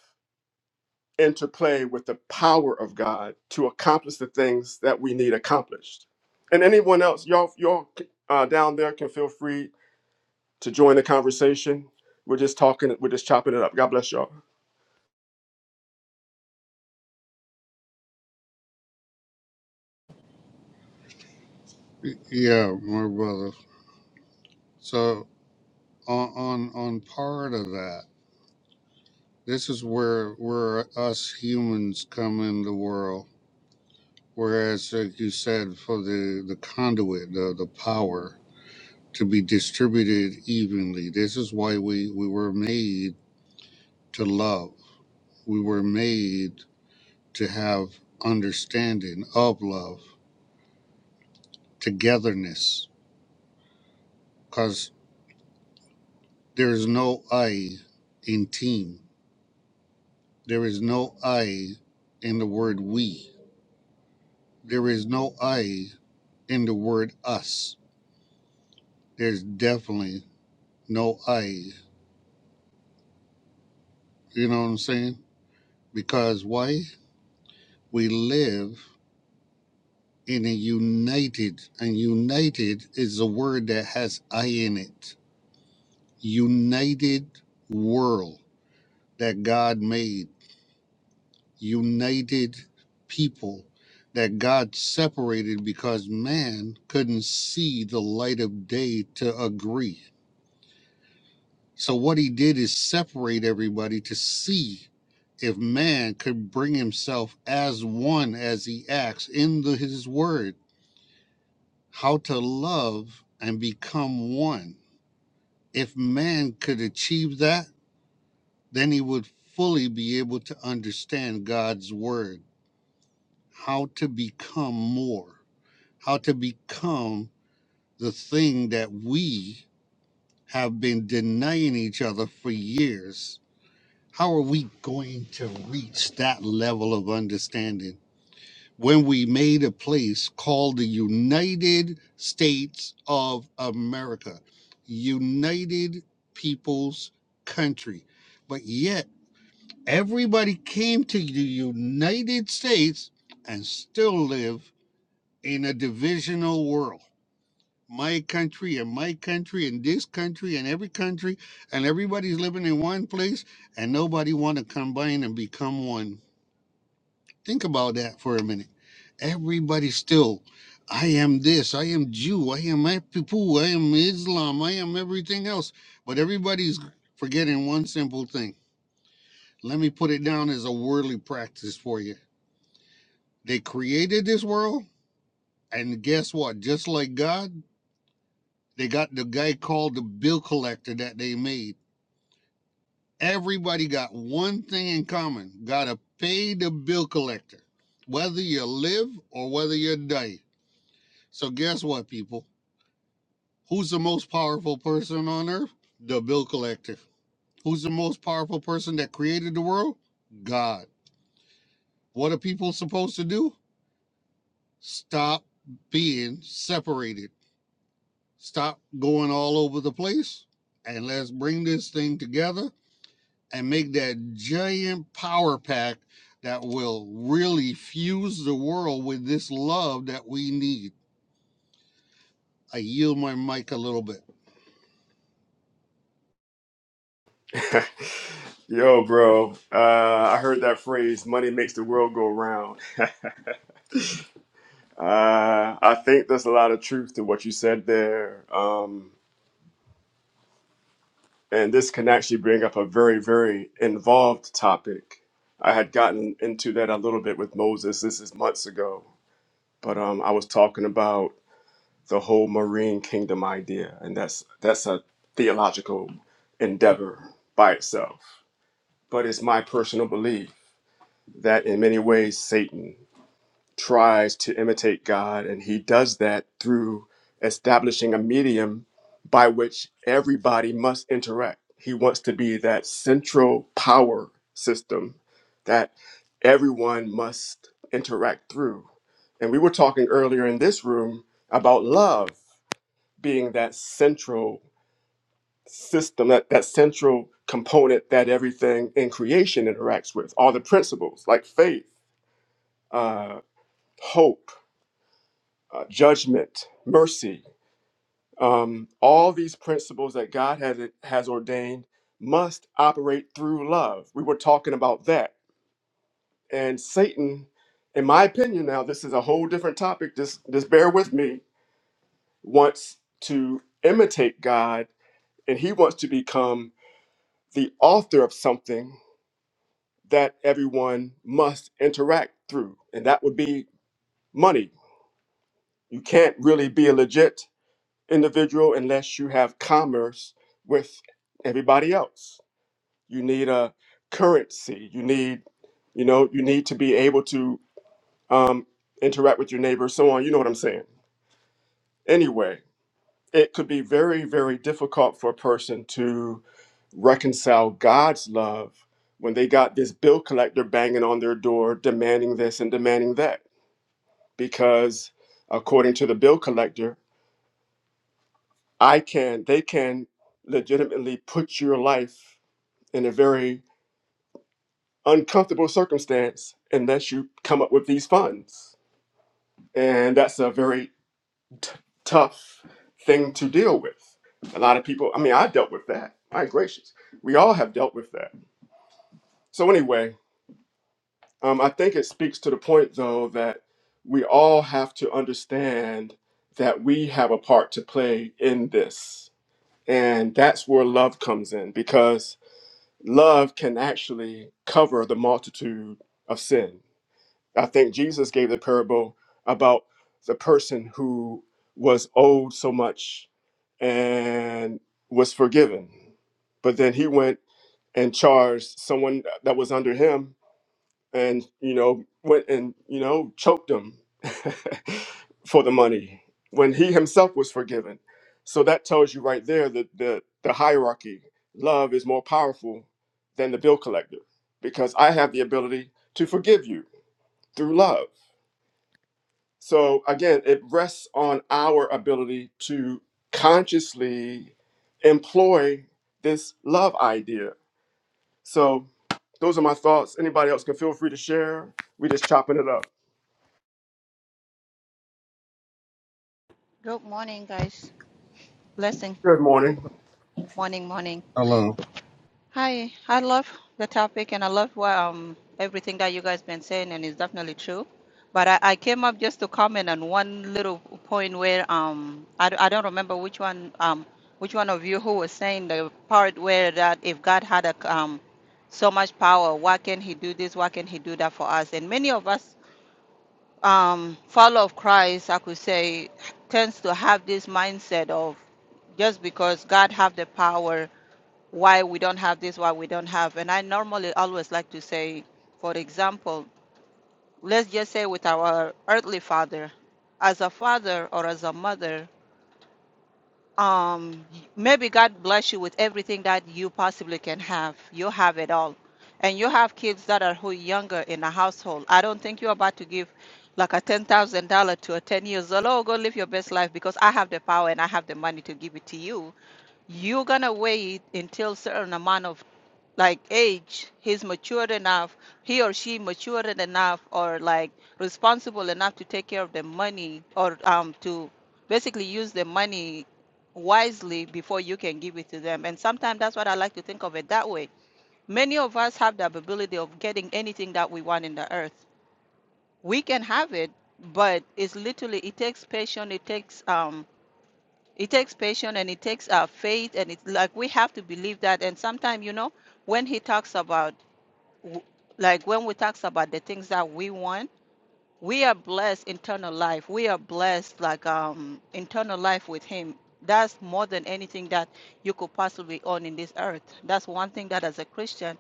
interplay with the power of God to accomplish the things that we need accomplished. And anyone else, y'all, y'all uh, down there can feel free to join the conversation. We're just talking, we're just chopping it up. God bless y'all.
Y- Yeah, my brother. So on on on part of that, this is where where us humans come in the world. Whereas, like you said, for the the conduit, the the power to be distributed evenly. This is why we we were made to love. We were made to have understanding of love, togetherness, because there is no I in team. There is no I in the word we. There is no I in the word us. There's definitely no I. You know what I'm saying? Because why? We live in a united, and united is a word that has I in it. United world that God made united people that God separated because man couldn't see the light of day to agree. So, what he did is separate everybody to see if man could bring himself as one as he acts in the, his word, how to love and become one. If man could achieve that, then he would fully be able to understand God's word, how to become more. how to become the thing that we have been denying each other for years. How are we going to reach that level of understanding when we made a place called the United States of America, United Peoples Country? But yet, everybody came to the United States and still live in a divisional world my country and my country and this country and every country and everybody's living in one place and nobody want to combine and become one think about that for a minute everybody still i am this i am jew i am a people i am islam i am everything else but everybody's forgetting one simple thing let me put it down as a worldly practice for you they created this world and guess what just like god they got the guy called the bill collector that they made Everybody got one thing in common gotta pay the bill collector, whether you live or whether you die. So, guess what, people? Who's the most powerful person on earth? The bill collector. Who's the most powerful person that created the world? God. What are people supposed to do? Stop being separated, stop going all over the place, and let's bring this thing together and make that giant power pack that will really fuse the world with this love that we need. I yield my mic a little bit.
Yo, bro, uh, I heard that phrase, money makes the world go round. Uh, I think there's a lot of truth to what you said there. Um, And this can actually bring up a very, very involved topic. I had gotten into that a little bit with Moses. This is months ago, but um, I was talking about the whole marine kingdom idea, and that's that's a theological endeavor by itself. But it's my personal belief that in many ways Satan tries to imitate God, and he does that through establishing a medium by which everybody must interact. He wants to be that central power system that everyone must interact through. And we were talking earlier in this room about love being that central system, that, that central component that everything in creation interacts with, all the principles like faith, uh, hope uh, judgment, mercy, um, all these principles that God has, has ordained must operate through love. We were talking about that. And Satan, in my opinion, now this is a whole different topic, just, just bear with me, wants to imitate God and he wants to become the author of something that everyone must interact through. And that would be money. You can't really be a legit individual unless you have commerce with everybody else. You need a currency. You need, you know, you need to be able to um, interact with your neighbors, so on. You know what I'm saying? Anyway, it could be very, very difficult for a person to reconcile God's love when they got this bill collector banging on their door, demanding this and demanding that, because according to the bill collector, I can, they can legitimately put your life in a very uncomfortable circumstance unless you come up with these funds. And that's a very t- tough thing to deal with. A lot of people, I mean, I dealt with that. My gracious. We all have dealt with that. So, anyway, um, I think it speaks to the point, though, that we all have to understand that we have a part to play in this. And that's where love comes in because love can actually cover the multitude of sin. I think Jesus gave the parable about the person who was owed so much and was forgiven, but then he went and charged someone that was under him and you know went and you know choked him for the money when he himself was forgiven so that tells you right there that the, the hierarchy love is more powerful than the bill collector because i have the ability to forgive you through love so again it rests on our ability to consciously employ this love idea so those are my thoughts anybody else can feel free to share we just chopping it up
Good morning, guys. Blessing.
Good morning.
Morning, morning.
Hello.
Hi. I love the topic and I love what, um, everything that you guys been saying, and it's definitely true. But I, I came up just to comment on one little point where um I, d- I don't remember which one um which one of you who was saying the part where that if God had a c- um so much power, why can't He do this? Why can't He do that for us? And many of us um, follower of Christ, I could say, tends to have this mindset of just because God have the power, why we don't have this, why we don't have. And I normally always like to say, for example, let's just say with our earthly father, as a father or as a mother, um maybe god bless you with everything that you possibly can have you have it all and you have kids that are who younger in a household i don't think you're about to give like a ten thousand dollar to a ten years old oh go live your best life because i have the power and i have the money to give it to you you're gonna wait until certain amount of like age he's matured enough he or she matured enough or like responsible enough to take care of the money or um to basically use the money wisely before you can give it to them and sometimes that's what i like to think of it that way many of us have the ability of getting anything that we want in the earth we can have it but it's literally it takes patience it takes um it takes patience and it takes uh, faith, and it's like we have to believe that. And sometimes, you know, when he talks about, w- like when we talks about the things that we want, we are blessed internal life. We are blessed like um internal life with Him. That's more than anything that you could possibly own in this earth. That's one thing that as a Christian.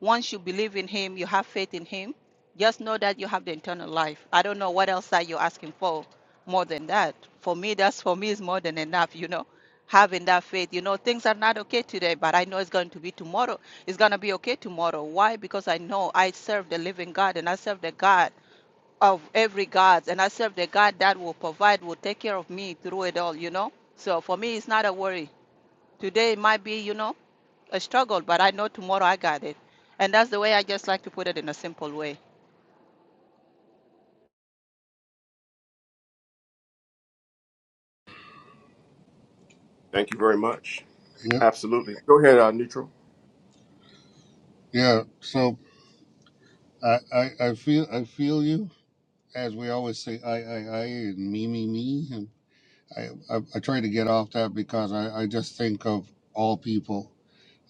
Once you believe in Him, you have faith in Him, just know that you have the eternal life. I don't know what else are you asking for more than that. For me, that's for me is more than enough, you know. Having that faith, you know, things are not okay today, but I know it's going to be tomorrow. It's going to be okay tomorrow. Why? Because I know I serve the living God and I serve the God of every God and I serve the God that will provide, will take care of me through it all, you know. So for me, it's not a worry. Today it might be, you know, a struggle, but I know tomorrow I got it. And that's the way I just like to put it in a simple way.
Thank you very much.
Yeah.
Absolutely. Go ahead, uh, neutral.
Yeah. So I, I, I feel I feel you. As we always say, I I I and me me me. And I I, I try to get off that because I I just think of all people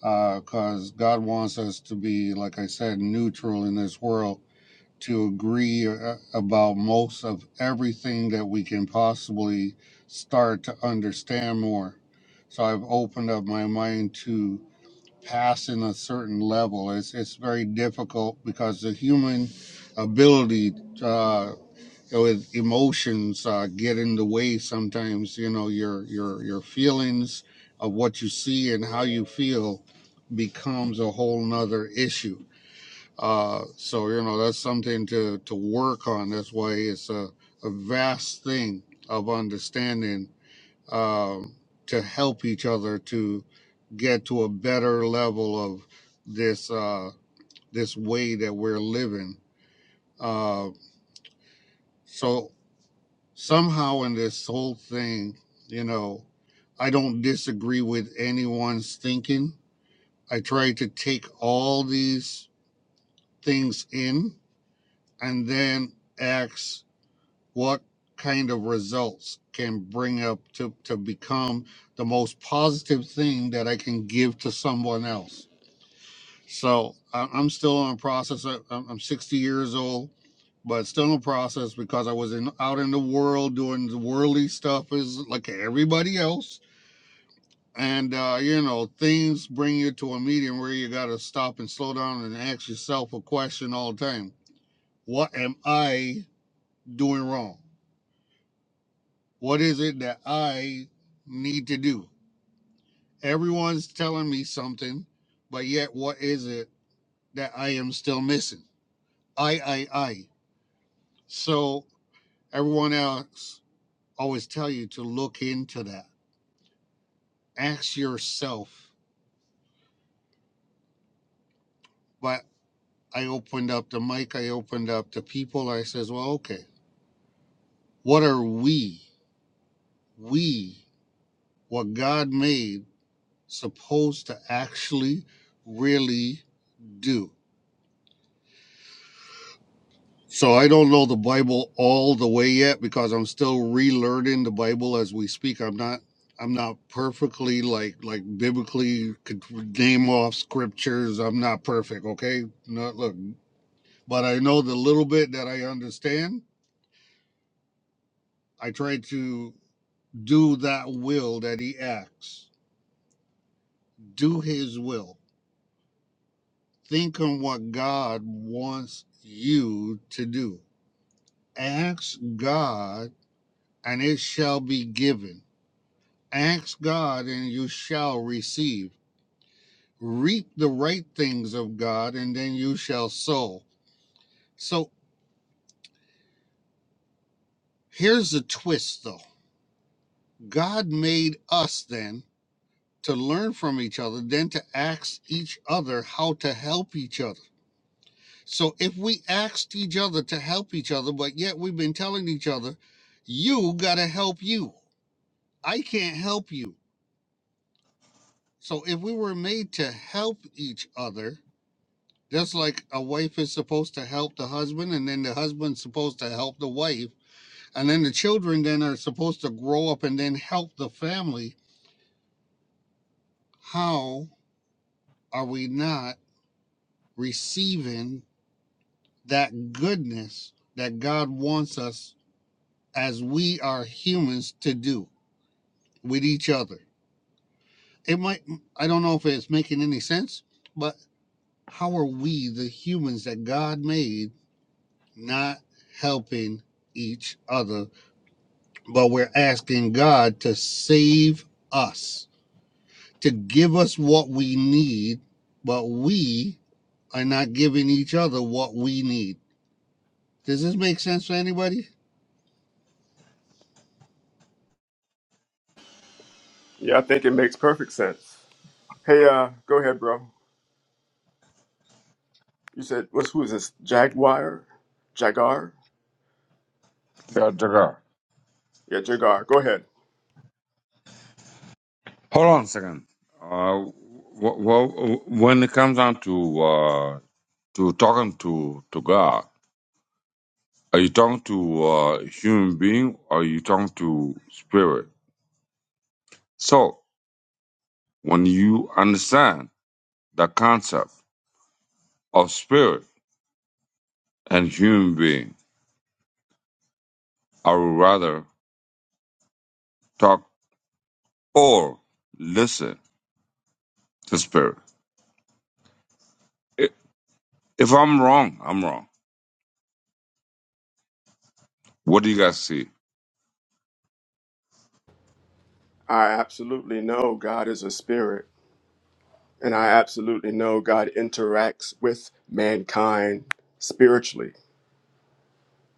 because God wants us to be like I said neutral in this world to agree uh, about most of everything that we can possibly start to understand more. So I've opened up my mind to passing a certain level. It's it's very difficult because the human ability uh, with emotions uh, get in the way sometimes. You know your your your feelings of what you see and how you feel becomes a whole nother issue uh, so you know that's something to to work on. That's why it's a, a vast thing of understanding um, to help each other to get to a better level of this uh, this way that we're living. Uh, so somehow in this whole thing, you know, I don't disagree with anyone's thinking. I try to take all these things in and then ask what kind of results can bring up to, to become the most positive thing that I can give to someone else. So I- am still in a process. I- am I'm 60 years old, but still in a process because I was in out in the world doing the worldly stuff is like everybody else. And uh, you know, things bring you to a medium where you got to stop and slow down and ask yourself a question all the time: What am I doing wrong? What is it that I need to do? Everyone's telling me something, but yet what is it that I am still missing? I, I, I. So everyone else always tell you to look into that. Ask yourself. But I opened up the mic, I opened up the people. I says, well, okay, what are we, we, what God made supposed to actually really do? So I don't know the Bible all the way yet because I'm still relearning the Bible as we speak. I'm not I'm not perfectly like like biblically could name off scriptures. I'm not perfect, okay? Not look, but I know the little bit that I understand. I try to do that will that he acts. Do his will. Think on what God wants you to do. Ask God and it shall be given Ask God and you shall receive. Reap the right things of God and then you shall sow. So here's the twist though God made us then to learn from each other, then to ask each other how to help each other. So if we asked each other to help each other, but yet we've been telling each other, you got to help you, I can't help you. So if we were made to help each other, Just like a wife is supposed to help the husband, and then the husband's supposed to help the wife, and then the children then are supposed to grow up and then help the family. How are we not receiving that goodness that God wants us as we are humans to do with each other? It might, I don't know if it's making any sense, but how are we, the humans that God made, not helping each other but we're asking God to save us, to give us what we need, but we are not giving each other what we need. Does this make sense to anybody?
Yeah, I think it makes perfect sense. Hey, uh, go ahead, bro. You said what's who is this? Jaguar? Jagar?
Sure, Tucker.
Yeah, Jagar. Go ahead.
Hold on a second. Uh, w- w- when it comes down to uh, to talking to to God, are you talking to uh, human being or are you talking to spirit? So when you understand the concept of spirit and human being, I would rather talk or listen to spirit. I- If I'm wrong, I'm wrong. What do you guys see?
I absolutely know God is a spirit, and I absolutely know God interacts with mankind spiritually.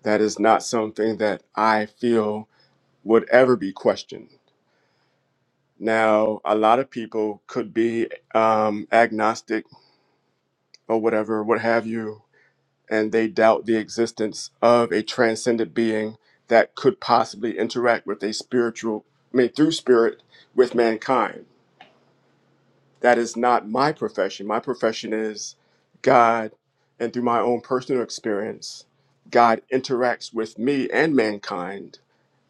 That is not something that I feel would ever be questioned. Now, a lot of people could be um, agnostic or whatever, what have you, and they doubt the existence of a transcendent being that could possibly interact with a spiritual, I mean, through spirit with mankind. That is not my profession. My profession is God, and through my own personal experience, God interacts with me and mankind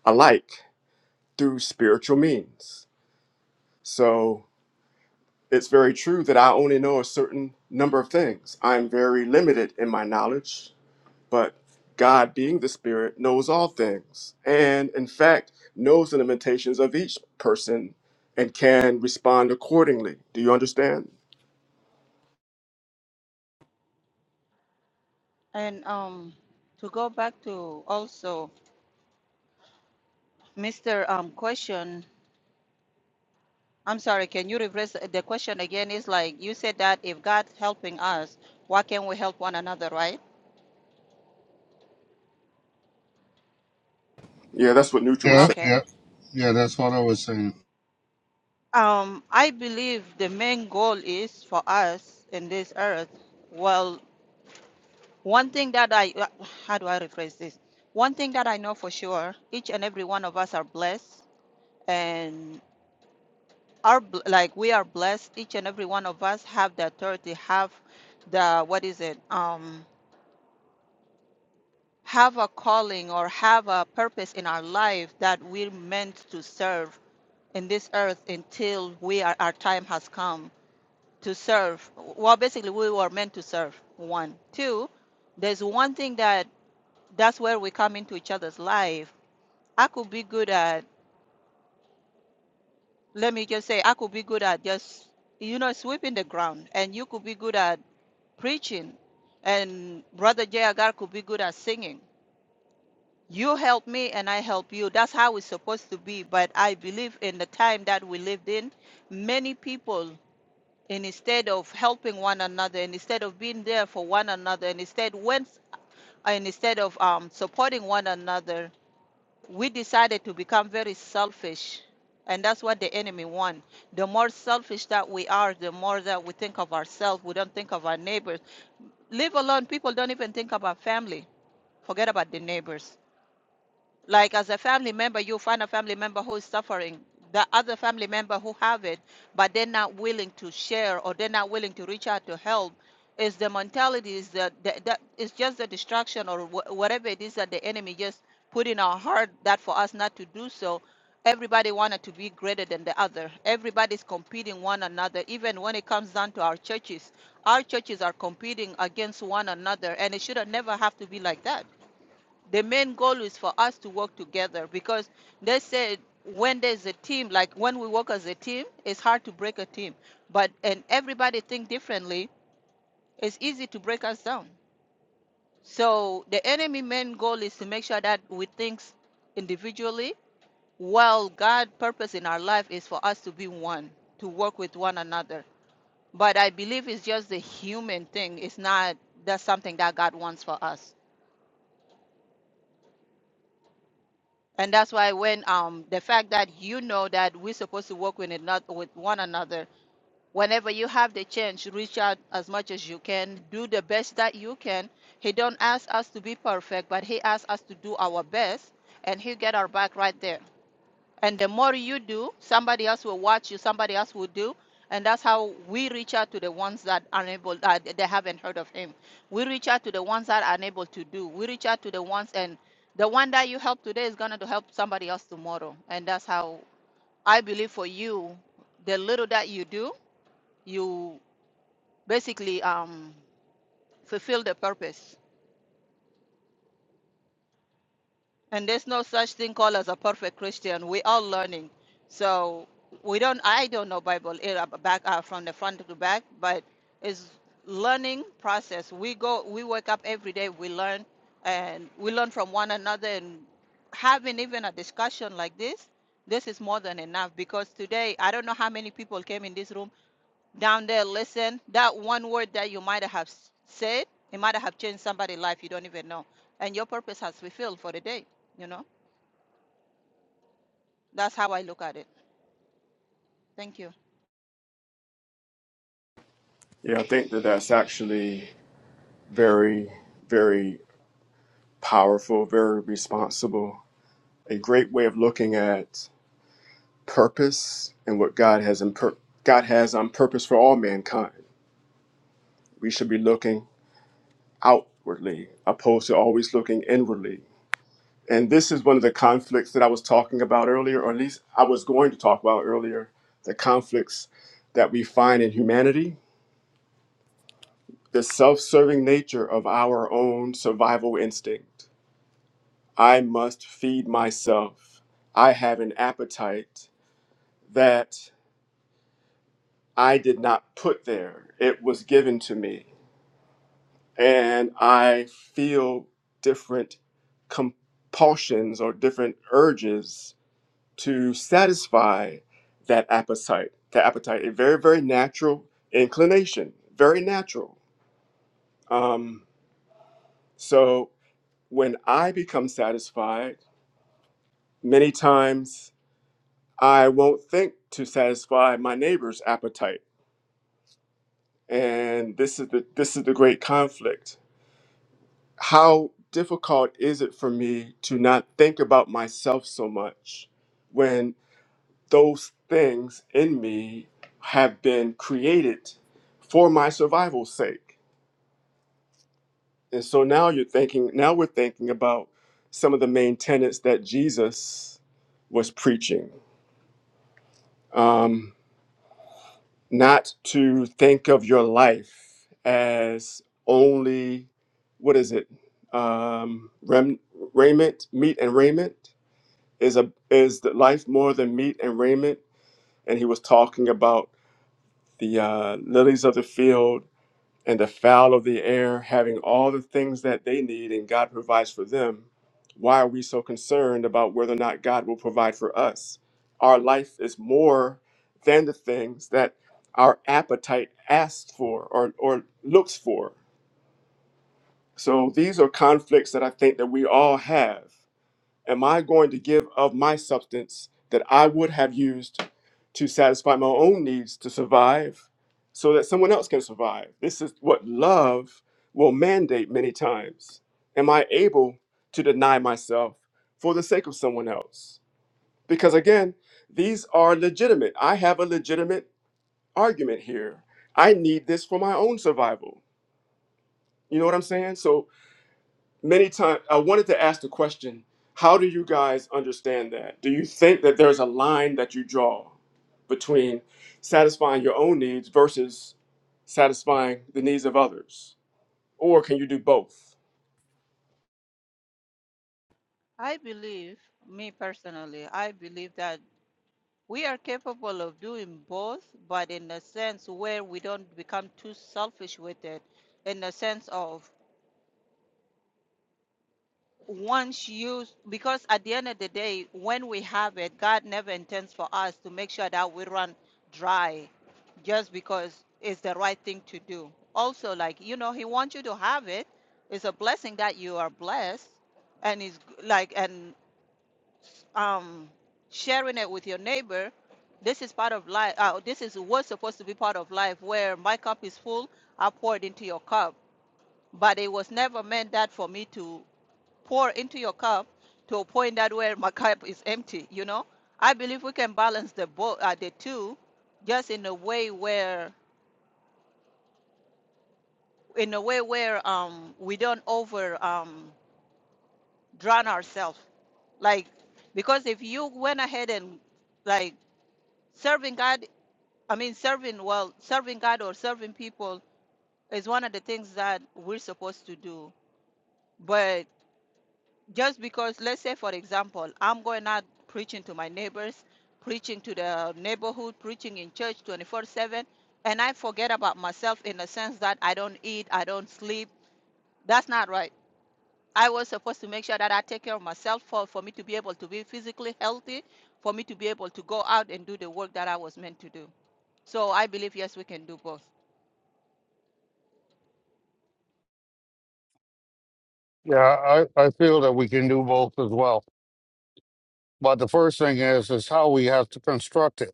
alike through spiritual means. So it's very true that I only know a certain number of things. I'm very limited in my knowledge But God, being the Spirit, knows all things, and in fact, knows the limitations of each person and can respond accordingly. Do you understand?
And um, to go back to also Mr. Um, question, I'm sorry, can you reverse the question again? Is like you said that if God's helping us, why can't we help one another, right?
Yeah, that's what Neutral was
Yeah,
saying.
Okay.
yeah, Yeah, that's what I was saying.
Um, I believe the main goal is for us in this earth. well, One thing that I, uh, how do I rephrase this? One thing that I know for sure, each and every one of us are blessed and our like we are blessed. Each and every one of us have the authority, have the, what is it? Um, have a calling or have a purpose in our life that we're meant to serve in this earth until we are, our time has come to serve. Well, basically we were meant to serve. One, two, there's one thing that that's where we come into each other's life I could be good at, let me just say, I could be good at just, you know, sweeping the ground, and you could be good at preaching, and Brother Jay Agar could be good at singing. You help me, and I help you. That's how it's supposed to be. But I believe in the time that we lived in, many people, and instead of helping one another, and instead of being there for one another, and instead went, and instead of um, supporting one another, we decided to become very selfish and that's what the enemy wants the more selfish that we are the more that we think of ourselves we don't think of our neighbors leave alone people don't even think about family forget about the neighbors like as a family member you find a family member who is suffering the other family member who have it but they're not willing to share or they're not willing to reach out to help is the mentality is that that, that is just the distraction or wh- whatever it is that the enemy just put in our heart that for us not to do so everybody wanted to be greater than the other everybody's competing one another even when it comes down to our churches our churches are competing against one another and it should have never have to be like that the main goal is for us to work together because they said when there's a team like when we work as a team it's hard to break a team but and everybody think differently it's easy to break us down so the enemy main goal is to make sure that we think individually while god purpose in our life is for us to be one to work with one another but i believe it's just the human thing it's not that's something that god wants for us And that's why when um the fact that you know that we're supposed to work with another with one another, whenever you have the chance, reach out as much as you can, do the best that you can. He don't ask us to be perfect, but he asks us to do our best, and he'll get our back right there. And the more you do, somebody else will watch you, somebody else will do. And that's how we reach out to the ones that are able, uh, they haven't heard of him. We reach out to the ones that are unable to do. We reach out to the ones, and the one that you help today is going to help somebody else tomorrow. And that's how I believe for you, the little that you do, you basically um, fulfill the purpose. And there's no such thing called as a perfect Christian. We all learning. So we don't I don't know Bible eh, uh, back uh, from the front to back, but it's learning process. We go we wake up every day, we learn and we learn from one another and having even a discussion like this, this is more than enough because today I don't know how many people came in this room down there listen that one word that you might have said it might have changed somebody's life you don't even know and your purpose has fulfilled for the day you know that's how i look at it thank you
Yeah, I think that that's actually very, very powerful, very responsible, a great way of looking at purpose and what God has in pur- God has on purpose for all mankind. We should be looking outwardly, opposed to always looking inwardly And this is one of the conflicts that I was talking about earlier, or at least I was going to talk about earlier the conflicts that we find in humanity, the self serving nature of our own survival instinct. I must feed myself. I have an appetite that I did not put there, it was given to me. And I feel different compulsions or different urges to satisfy that appetite, that appetite, a very, very natural inclination, very natural. Um, so when I become satisfied, many times I won't think to satisfy my neighbor's appetite. And this is the this is the great conflict. How difficult is it for me to not think about myself so much when? those things in me have been created for my survival's sake. And so now you're thinking, now we're thinking about some of the main tenets that Jesus was preaching. Um, not to think of your life as only, what is it? Um, rem- raiment, meat and raiment is a is the life more than meat and raiment. And he was talking about the uh, lilies of the field and the fowl of the air having all the things that they need and God provides for them, why are we so concerned about whether or not God will provide for us? Our life is more than the things that our appetite asks for or, or looks for. So these are conflicts that I think that we all have am I going to give of my substance that I would have used to satisfy my own needs to survive so that someone else can survive? This is what love will mandate many times. Am I able to deny myself for the sake of someone else? Because again, these are legitimate. I have a legitimate argument here. I need this for my own survival. You know what I'm saying? So many times i wanted to ask the question how do you guys understand that do you think that there's a line that you draw between satisfying your own needs versus satisfying the needs of others or can you do both
i believe me personally i believe that we are capable of doing both but in a sense where we don't become too selfish with it in the sense of once you because at the end of the day when we have it god never intends for us to make sure that we run dry just because it's the right thing to do also like you know he wants you to have it it's a blessing that you are blessed and it's g- like and um sharing it with your neighbor this is part of life uh, this is what's supposed to be part of life where my cup is full i pour it into your cup but it was never meant that for me to pour into your cup to a point that where my cup is empty you know i believe we can balance the both uh, the two just in a way where in a way where um we don't over um drown ourselves like because if you went ahead and like serving god i mean serving well serving god or serving people is one of the things that we're supposed to do just because let's say for example i'm going out preaching to my neighbors preaching to the neighborhood preaching in church 24/7 and i forget about myself in the sense that i don't eat i don't sleep that's not right i was supposed to make sure that i take care of myself for, for me to be able to be physically healthy for me to be able to go out and do the work that i was meant to do so i believe yes we can do both
yeah. I, I feel that we can do both as well. But the first thing is is how we have to construct it.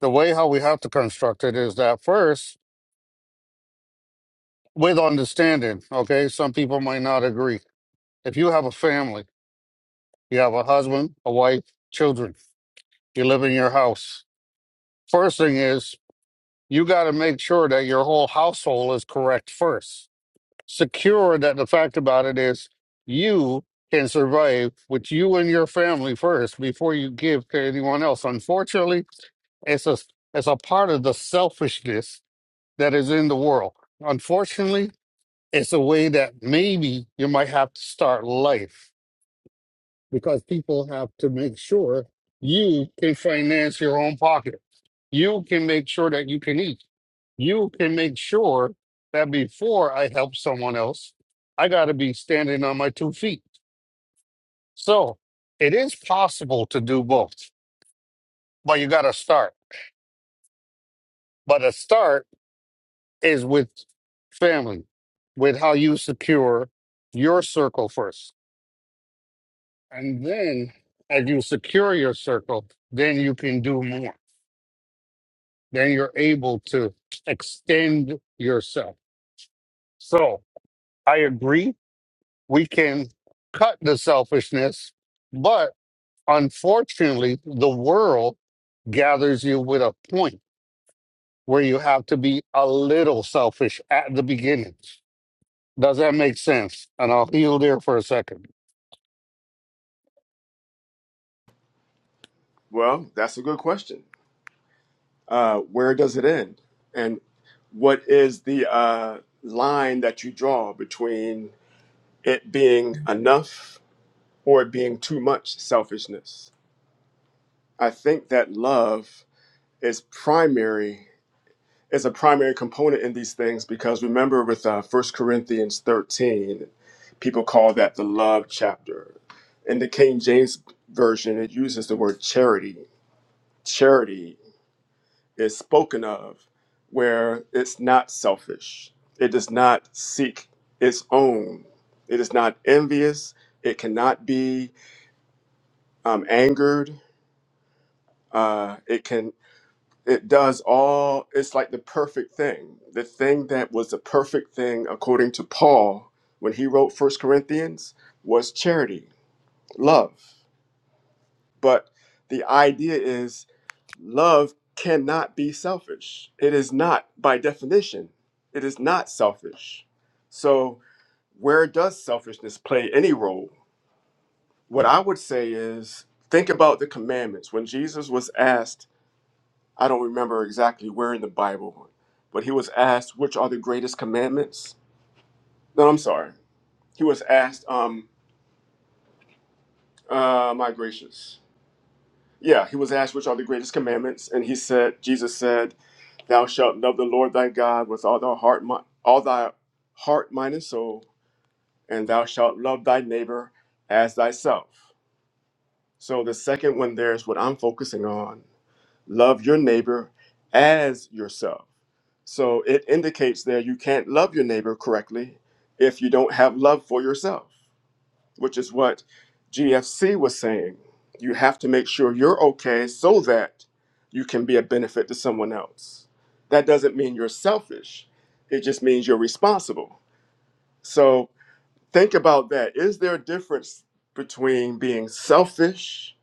The way how we have to construct it is that first with understanding. Okay, some people might not agree. If you have a family, you have a husband, a wife, children. you live in your house. First thing is, you got to make sure that your whole household is correct first. Secure that the fact about it is you can survive with you and your family first before you give to anyone else. Unfortunately, it's a, it's a part of the selfishness that is in the world. Unfortunately, it's a way that maybe you might have to start life because people have to make sure you can finance your own pocket You can make sure that you can eat. You can make sure that before I help someone else, I got to be standing on my two feet. So it is possible to do both, but you got to start. But a start is with family, with how you secure your circle first. And then as you secure your circle, then you can do more. Then you're able to extend yourself. So I agree we can cut the selfishness, but unfortunately, the world gathers you with a point where you have to be a little selfish at the beginning. Does that make sense? And I'll heal there for a second.
well that's a good question uh, where does it end and what is the uh, line that you draw between it being enough or it being too much selfishness i think that love is primary is a primary component in these things because remember with uh, 1 Corinthians 13, people call that the love chapter. In the King James Version, it uses the word charity. Charity is spoken of where it's not selfish, it does not seek its own, it is not envious, it cannot be um, angered. Uh, it can it does all it's like the perfect thing the thing that was the perfect thing according to paul when he wrote first corinthians was charity love but the idea is love cannot be selfish it is not by definition it is not selfish so where does selfishness play any role what i would say is think about the commandments when jesus was asked I don't remember exactly where in the Bible, but he was asked, which are the greatest commandments? No, I'm sorry. He was asked, um, uh, my gracious. Yeah, he was asked, which are the greatest commandments? And he said, Jesus said, thou shalt love the Lord thy God with all thy heart, mi- all thy heart, mind, and soul, and thou shalt love thy neighbor as thyself. So the second one there is what I'm focusing on. love your neighbor as yourself. So it indicates there you can't love your neighbor correctly if you don't have love for yourself, which is what GFC was saying. You have to make sure you're okay so that you can be a benefit to someone else. That doesn't mean you're selfish, it just means you're responsible. So think about that. Is there a difference between being selfish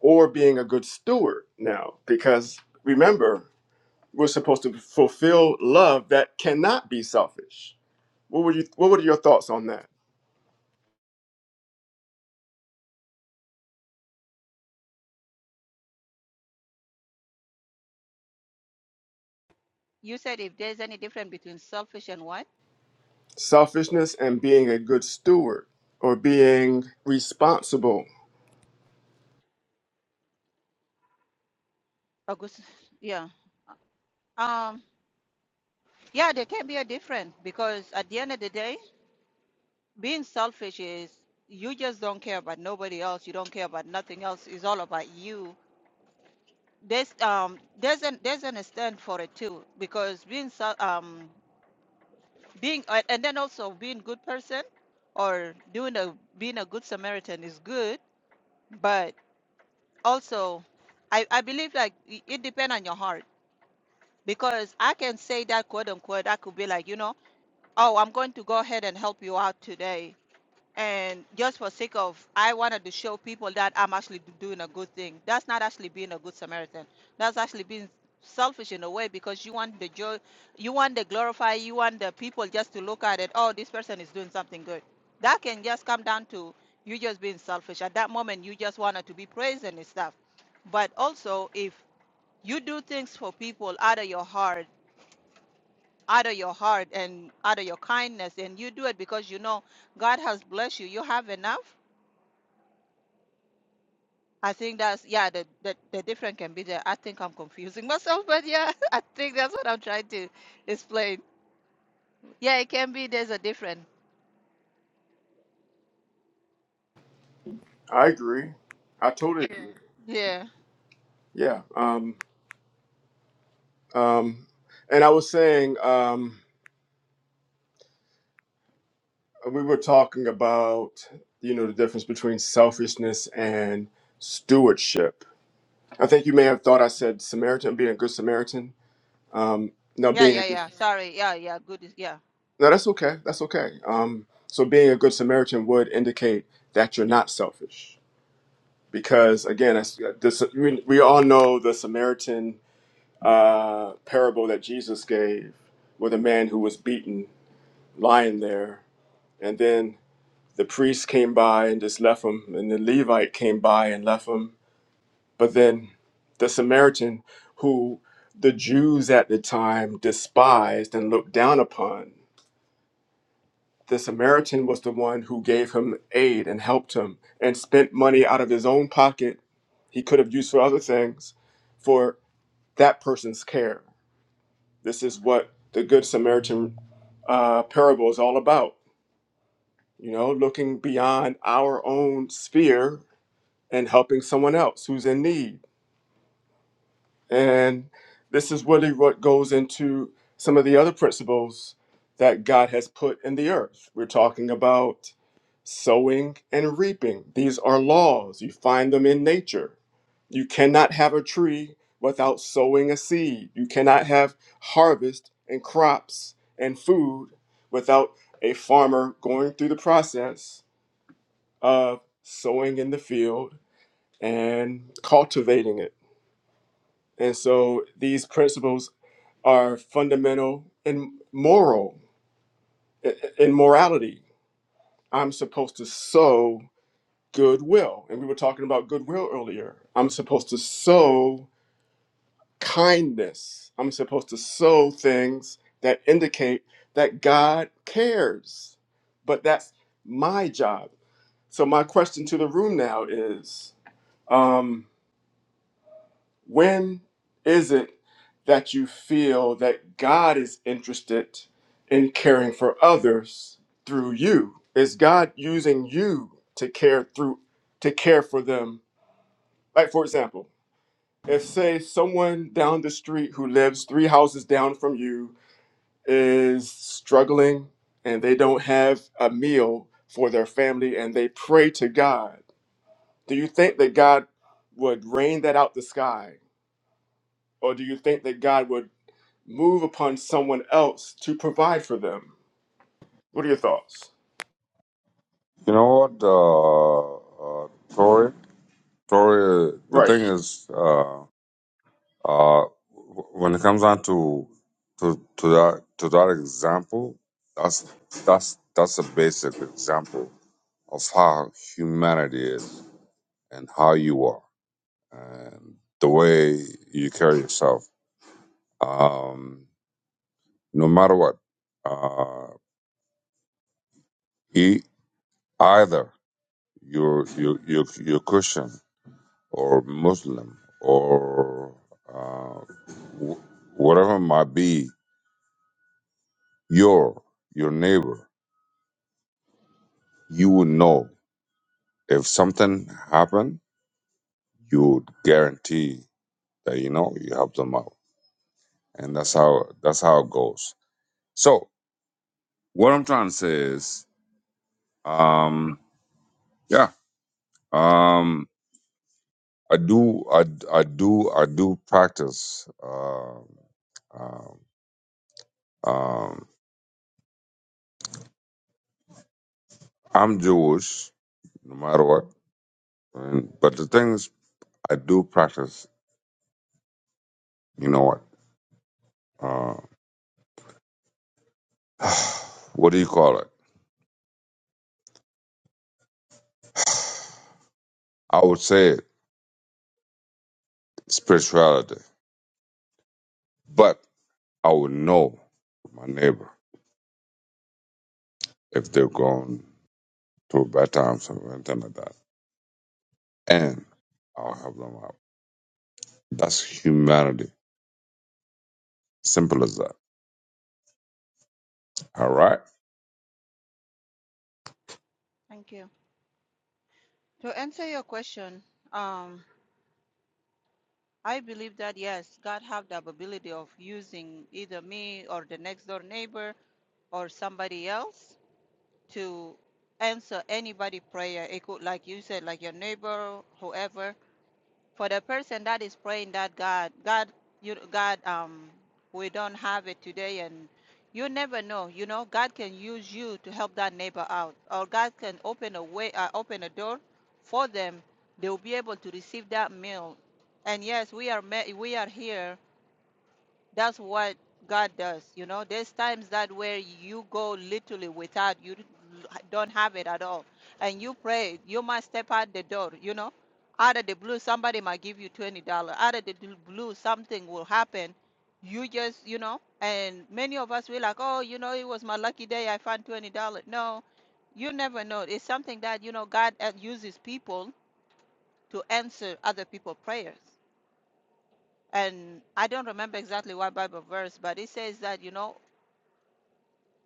or being a good steward now? Because remember, we're supposed to fulfill love that cannot be selfish. What were you what were your thoughts on that?
you said if there's any difference between selfish and what
Selfishness and being a good steward or being responsible.
august yeah Um, Yeah, there can be a difference because at the end of the day, being selfish is you just don't care about nobody else. You don't care about nothing else. It's all about you. There's um there's an there's an extent for it too because being sel- um being uh, and then also being good person or doing a being a good Samaritan is good, but also I I believe like it, it depends on your heart because I can say that quote unquote I could be like you know oh I'm going to go ahead and help you out today and just for sake of i wanted to show people that i'm actually do- doing a good thing that's not actually being a good samaritan that's actually being selfish in a way because you want the joy you want the glorify you want the people just to look at it oh this person is doing something good that can just come down to you just being selfish at that moment you just wanted to be praised and stuff but also if you do things for people out of your heart out of your heart and out of your kindness and you do it because you know god has blessed you you have enough I think that's yeah, the, the the difference can be there. I think I'm confusing myself, but yeah, I think that's what I'm trying to explain. Yeah, it can be there's a difference.
I agree. I totally agree.
Yeah.
Yeah. Um um and I was saying um we were talking about you know the difference between selfishness and stewardship. I think you may have thought I said Samaritan being a good Samaritan. Um no
Yeah, yeah,
being
yeah. Sorry. Yeah, yeah, good is yeah.
No, that's okay. That's okay. Um, so being a good Samaritan would indicate that you're not selfish, because again, as this, we, we all know the Samaritan uh, parable that Jesus gave, with a man who was beaten, lying there, and then the priest came by and just left him, and the Levite came by and left him, but then the Samaritan, who the Jews at the time despised and looked down upon. the Samaritan was the one who gave him aid and helped him and spent money out of his own pocket he could have used for other things for that person's care. This is what the Good Samaritan uh, parable is all about. You know, looking beyond our own sphere and helping someone else who's in need And this is really what goes into some of the other principles that God has put in the earth. We're talking about sowing and reaping. These are laws, you find them in nature. You cannot have a tree without sowing a seed, you cannot have harvest and crops and food without a farmer going through the process of sowing in the field and cultivating it. And so these principles are fundamental and moral in morality. I'm supposed to sow goodwill. And we were talking about goodwill earlier. I'm supposed to sow kindness. I'm supposed to sow things that indicate that God cares. But that's my job. So my question to the room now is um, When is it that you feel that God is interested in caring for others through you? Is God using you to care through to care for them? Like for example, if say someone down the street who lives 3 houses down from you is struggling and they don't have a meal for their family and they pray to God, do you think that God would rain that out the sky? Or do you think that God would move upon someone else to provide for them. What are your thoughts?
You know what, uh, uh, Corey? Gloria, the
Right.
thing is, uh, uh, when it comes down to to to that to that example, that's that's that's a basic example of how humanity is and how you are and the way you carry yourself. Um, no matter what, uh, e- either you're you you you're Christian or Muslim or uh, wh- whatever it might be your your neighbor, you would know if something happened, you would guarantee that you know you help them out, and that's how that's how it goes. So what I'm trying to say is, um, yeah, um, I do, I, d- I do, I do practice. Um, um, um, I'm Jewish, no matter what, and, but the thing is, I do practice. You know what? Uh, what do you call it? I would say it. spirituality. But I will know my neighbor if they're going through bad times or anything like that. And I'll help them out. That's humanity. Simple as that. All right?
Thank you. To answer your question, um I believe that yes, God have the ability of using either me or the next door neighbor or somebody else to answer anybody prayer. It could like you said, like your neighbor, whoever for the person that is praying that God, God, you, God, um, we don't have it today, and you never know. You know, God can use you to help that neighbor out, or God can open a way, uh, open a door for them. They will be able to receive that meal. And yes, we are ma- we are here that's what God does. You know, there's times that where you go literally without you don't have it at all, and you pray. You might step out the door. You know, out of the blue, somebody might give you twenty dollar. Out of the d- blue, something will happen. You just, you know, and many of us we like, oh, you know, it was my lucky day. I found twenty dollar. No, you never know. It's something that you know God uh, uses people to answer other people's prayers and I don't remember exactly what Bible verse, but it says that you know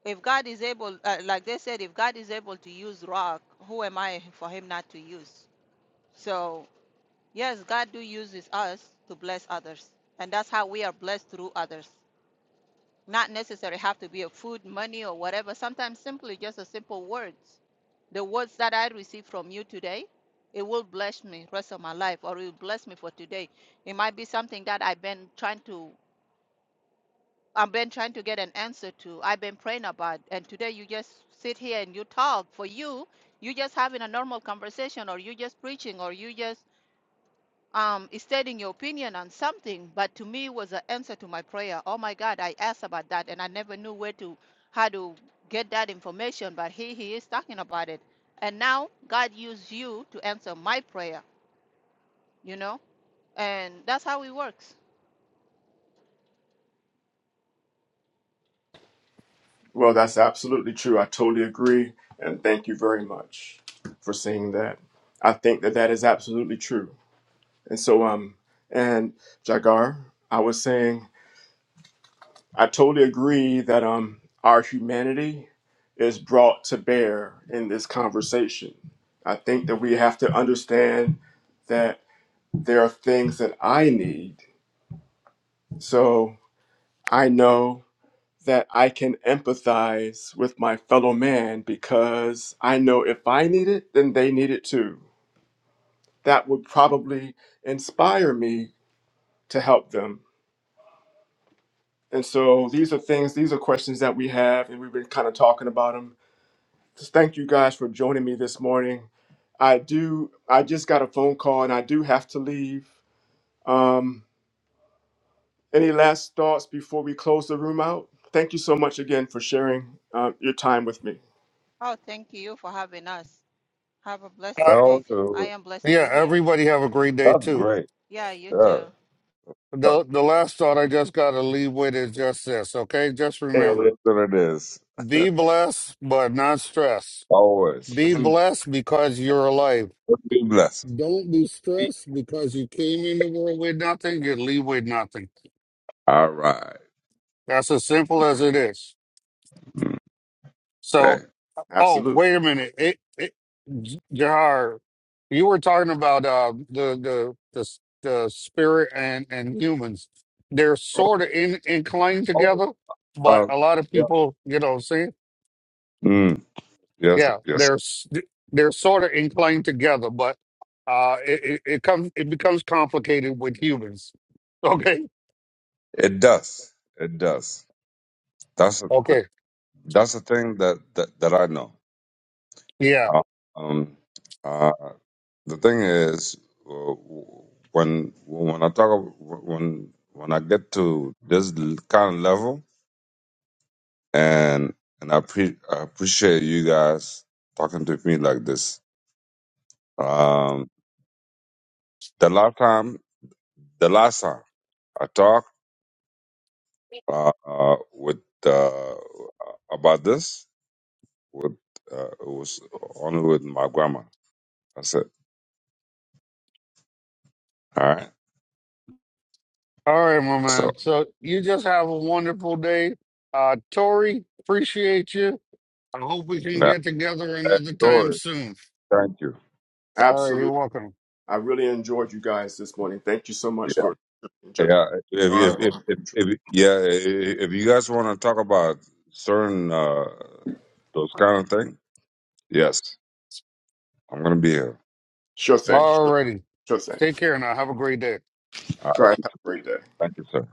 if God is able, uh, like they said, if God is able to use rock, who am I for Him not to use? So yes, God do uses us to bless others, and that's how we are blessed through others. Not necessarily have to be a food, money, or whatever. Sometimes simply just a simple words. The words that I receive from you today, it will bless me rest of my life, or it will bless me for today. It might be something that I've been trying to I've been trying to get an answer to. I've been praying about, and today you just sit here and you talk. For you, you just having a normal conversation, or you just preaching, or you just um stating your opinion on something. But to me, it was an answer to my prayer. Oh my God, I asked about that, and I never knew where to how to get that information. But he he is talking about it, and now God used you to answer my prayer. You know, and that's how it works.
Well, that's absolutely true. I totally agree. And thank you very much for saying that. I think that that is absolutely true. And so, um, and Jagar, I was saying, I totally agree that, um, our humanity is brought to bear in this conversation. I think that we have to understand that there are things that I need. So I know that I can empathize with my fellow man because I know if I need it, then they need it too. That would probably inspire me to help them. And so these are things, these are questions that we have, and we've been kind of talking about them. Just thank you guys for joining me this morning. I do, I just got a phone call and I do have to leave. Um, any last thoughts before we close the room out? Thank you so much again for sharing uh, your time with me.
Oh, thank you for having us. Have a
Uh,
blessing
No,
day. I
uh,
am blessed to be
yeah,
here.
everybody have a great day
that's
too.
great.
Yeah, you
Yeah.
too.
No,
The the last thought I just got to leave with is just this, okay? Just
It
remember,
is what it is.
be blessed but not stressed.
Always.
Be blessed because you're alive
Be blessed.
Don't be stressed because you came in the world with nothing, you leave with nothing.
All right.
That's as simple as it is.
Mm. Hey.
So, oh,
Absolutely.
wait a minute. It, it, J- Jahar, you were talking about uh, the, the, the, s- the spirit and, and humans. They're sort of in, inclined
Oh,
together, but
uh,
a lot of
yeah.
people, you know what I'm saying?
Mm. Yes,
Yeah,
yes.
they're, s- they're sort of inclined together, but uh, it, it, it comes, it becomes complicated with humans. Okay.
It does. It does. That's a, th-
Okay.
that's the thing that, that, that I know.
Yeah.
Uh, Um, uh, the thing is, uh, when when I talk ab- when when I get to this l- kind of level, and and I, pre- I appreciate you guys talking to me like this. Um, the last time, the last time I talked uh, uh, with uh, about this, with uh, it was only with my grandma. That's it. All right.
All right, my
So
man. So you just have a wonderful day. Uh, Tori, appreciate you. I hope we can
that
get together another time
story.
soon.
Thank you.
All right,
Absolutely.
you're welcome.
I really enjoyed you guys this morning. Thank you so much for
Yeah, if if if,
our
if, if yeah, i- if you guys want to talk about certain uh, those kind of things, yes, I'm gonna be here.
Sure thing.
All righty.
Sure thing.
Take care now. Have a great day.
All
All
right,
right. Have a great day.
thank you, sir.